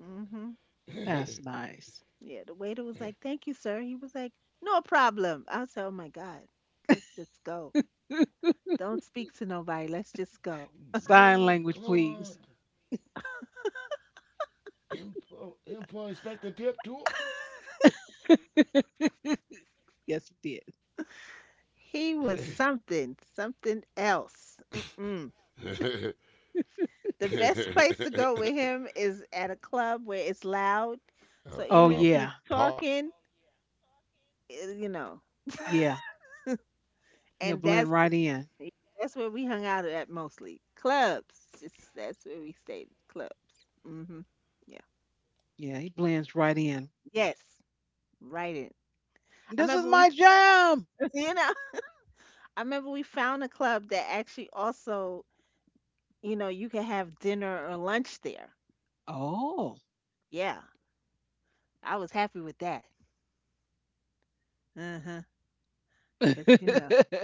Speaker 2: Mhm.
Speaker 1: That's nice.
Speaker 2: Yeah, the waiter was like, "Thank you, sir." He was like, "No problem." I said, "Oh my God, let's just go. Don't speak to nobody. Let's just go."
Speaker 1: Sign
Speaker 3: Blood
Speaker 1: language, please.
Speaker 3: clot. Info Inspector Tip too?
Speaker 1: Yes, he did.
Speaker 2: He was something, something else. Mm-mm. The best place to go with him is at a club where it's loud.
Speaker 3: A,
Speaker 2: So
Speaker 1: Oh
Speaker 2: even
Speaker 3: a
Speaker 2: if he's
Speaker 1: yeah,
Speaker 3: pop.
Speaker 2: talking, eh, you know,
Speaker 1: yeah. He'll
Speaker 2: and
Speaker 1: blend
Speaker 2: that's
Speaker 1: right
Speaker 2: the—
Speaker 1: in.
Speaker 2: that's where we hung out at, mostly clubs. Just, that's where we stayed, clubs. Hmm. Yeah.
Speaker 1: Yeah, he blends right in.
Speaker 2: Yes. Right in. I
Speaker 1: This is
Speaker 2: remember
Speaker 1: my
Speaker 2: we,
Speaker 1: jam.
Speaker 2: you know, I remember we found a club that actually also, you know, you could have dinner or lunch there.
Speaker 1: Oh,
Speaker 2: Yeah, I was happy with that. Uh-huh, 'cause, you know,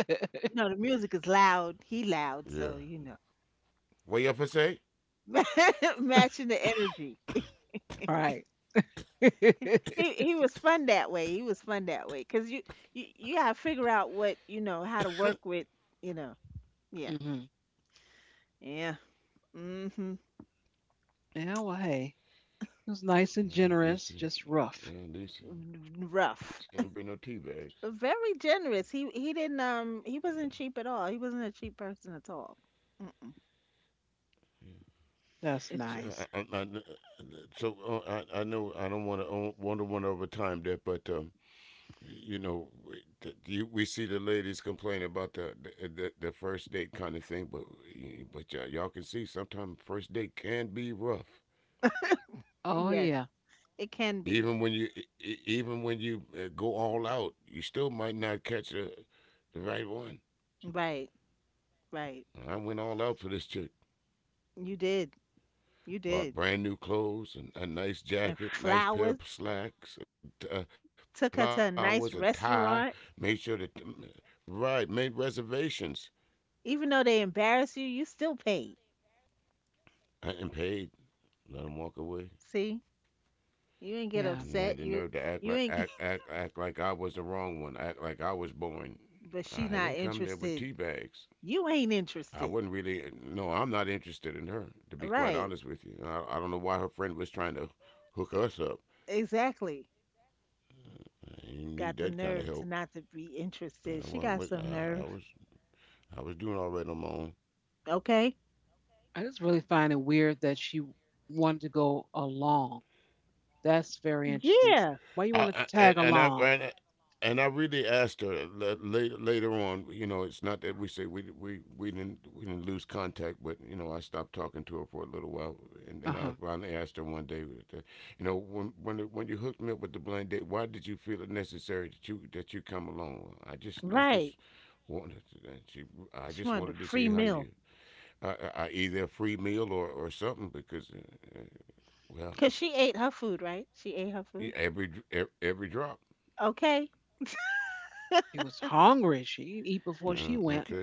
Speaker 2: you know, the music is loud, he loud,
Speaker 3: Yeah.
Speaker 2: so, you know,
Speaker 3: What you up for say?
Speaker 2: matching the energy.
Speaker 1: right.
Speaker 2: He was fun that way, 'cause you you gotta figure out what, you know, how to work with, you know. Yeah.
Speaker 1: Hmm.
Speaker 2: Yeah. Mhm.
Speaker 1: Yeah. Well, hey, it was nice and
Speaker 3: Yeah,
Speaker 1: generous,
Speaker 3: Lucy.
Speaker 1: just rough.
Speaker 3: Yeah, Lucy. Lucy didn't bring no
Speaker 2: Rough.
Speaker 3: tea bags.
Speaker 2: Very generous. He didn't,
Speaker 3: Yeah,
Speaker 2: he wasn't cheap at all. He wasn't a cheap person at all. Mm-mm.
Speaker 3: yeah. So
Speaker 1: That's
Speaker 2: It's
Speaker 3: I, I,
Speaker 1: nice.
Speaker 3: I, so I know I don't want to wonder one over time that, but you know, we see the ladies complain about the first date kind of thing, but y'all can see sometimes first date can be rough.
Speaker 1: Oh
Speaker 2: yes,
Speaker 1: yeah,
Speaker 2: it can be.
Speaker 3: Even when you even when you go all out, you still might not catch the right one.
Speaker 2: Right, right.
Speaker 3: I went all out for this chick.
Speaker 2: You did. You did.
Speaker 3: Bought brand new clothes, and a nice
Speaker 2: And
Speaker 3: jacket, nice pair
Speaker 2: flowers.
Speaker 3: of slacks,
Speaker 2: Took
Speaker 3: flowers, a
Speaker 2: her to a
Speaker 3: tie.
Speaker 2: nice
Speaker 3: Made sure
Speaker 2: restaurant.
Speaker 3: that mm, right made reservations
Speaker 2: Even though they embarrass you, you still paid.
Speaker 3: and paid. Let him walk away,
Speaker 2: See, you ain't get
Speaker 3: and I
Speaker 1: yeah.
Speaker 3: had the
Speaker 2: upset.
Speaker 3: nerve to
Speaker 2: You
Speaker 3: act like
Speaker 2: you
Speaker 3: act
Speaker 2: ain't.
Speaker 3: act act like I was the wrong one. Act like I was born. I
Speaker 2: But
Speaker 3: didn't
Speaker 2: she
Speaker 3: come there
Speaker 2: not
Speaker 3: with tea
Speaker 2: interested.
Speaker 3: bags.
Speaker 2: You ain't
Speaker 3: I wouldn't
Speaker 2: interested.
Speaker 3: really. No, I'm not interested in her. To be quite honest
Speaker 2: Right?
Speaker 3: with you, I don't know why her friend was trying to hook us up.
Speaker 2: Exactly.
Speaker 3: You need
Speaker 2: Got the
Speaker 3: that kind of
Speaker 2: nerve to
Speaker 3: help.
Speaker 2: not to be interested. She
Speaker 3: Well,
Speaker 2: got some
Speaker 3: I
Speaker 2: nerve.
Speaker 3: was I was doing all right on my own.
Speaker 2: Okay.
Speaker 1: I just really find it weird that she wanted to go along. That's very interesting.
Speaker 2: Yeah.
Speaker 1: Why you want to
Speaker 3: I
Speaker 1: tag
Speaker 3: and I
Speaker 1: along?
Speaker 3: and, I- and I really asked her later later on. You know, it's not that we say we didn't we didn't lose contact, but you know, I stopped talking to her for a little while, and then I
Speaker 1: Uh huh.
Speaker 3: finally asked her one day, you know, when you hooked me up with the blind date, why did you feel it necessary that you come along? I just
Speaker 2: Right.
Speaker 3: wanted to, and she I just
Speaker 2: She
Speaker 3: wanted to
Speaker 2: wanted a
Speaker 3: see how
Speaker 2: free
Speaker 3: you
Speaker 2: meal
Speaker 3: I either a free meal or something because well
Speaker 2: because she ate her food. Right? She ate her food.
Speaker 3: every drop.
Speaker 2: Okay.
Speaker 1: She was hungry. She didn't eat before
Speaker 3: Yeah,
Speaker 1: she went.
Speaker 3: okay,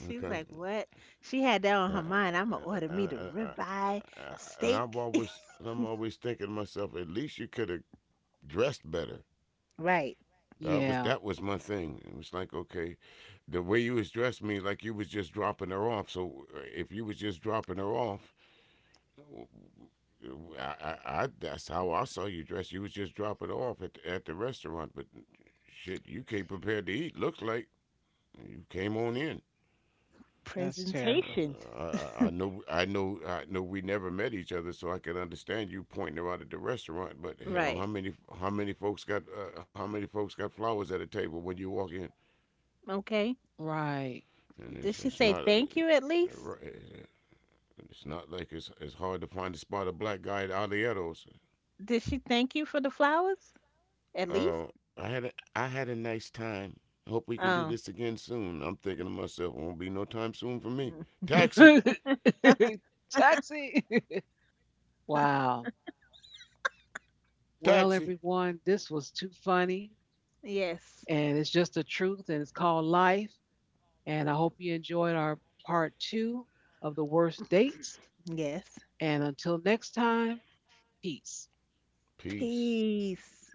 Speaker 3: okay.
Speaker 2: like, what? She had that
Speaker 3: I,
Speaker 2: on
Speaker 3: I,
Speaker 2: her mind. I'm gonna
Speaker 3: I,
Speaker 2: order me the
Speaker 3: I, I,
Speaker 2: ribeye
Speaker 3: I,
Speaker 2: steak.
Speaker 3: and I'm always thinking to myself, at least you could have dressed better.
Speaker 2: Right.
Speaker 3: That was
Speaker 1: Yeah.
Speaker 3: that was my thing. It was like, okay, the way you was dressed me like you was just dropping her off. So if you was just dropping her off, I that's how I saw you dressed. You was just dropping her off at at the restaurant, but shit, you came prepared to eat. Looks like you came on in.
Speaker 1: That's terrible.
Speaker 2: Presentation.
Speaker 3: I, I know. We never met each other, so I can understand you pointing her out at the restaurant. But hell,
Speaker 2: Right.
Speaker 3: how many folks got, how many folks got flowers at a table when you walk in?
Speaker 2: Okay.
Speaker 1: Right.
Speaker 3: And
Speaker 2: Did she
Speaker 3: it's
Speaker 2: say
Speaker 3: not,
Speaker 2: thank you at least?
Speaker 3: it's not like it's hard to find a spot a black guy at Alieros.
Speaker 2: Did she thank you for the flowers at least?
Speaker 3: I had, I had a nice time. Hope we can do this
Speaker 2: Oh,
Speaker 3: again soon. I'm thinking to myself, won't be no time soon for me. Taxi,
Speaker 1: Taxi. Wow. Well,
Speaker 3: taxi.
Speaker 1: everyone, this was too funny.
Speaker 2: yes.
Speaker 1: And it's just the truth, and it's called life. And I hope you enjoyed our part 2 of the worst dates.
Speaker 2: Yes.
Speaker 1: And until next time, peace.
Speaker 3: Peace.
Speaker 2: Peace.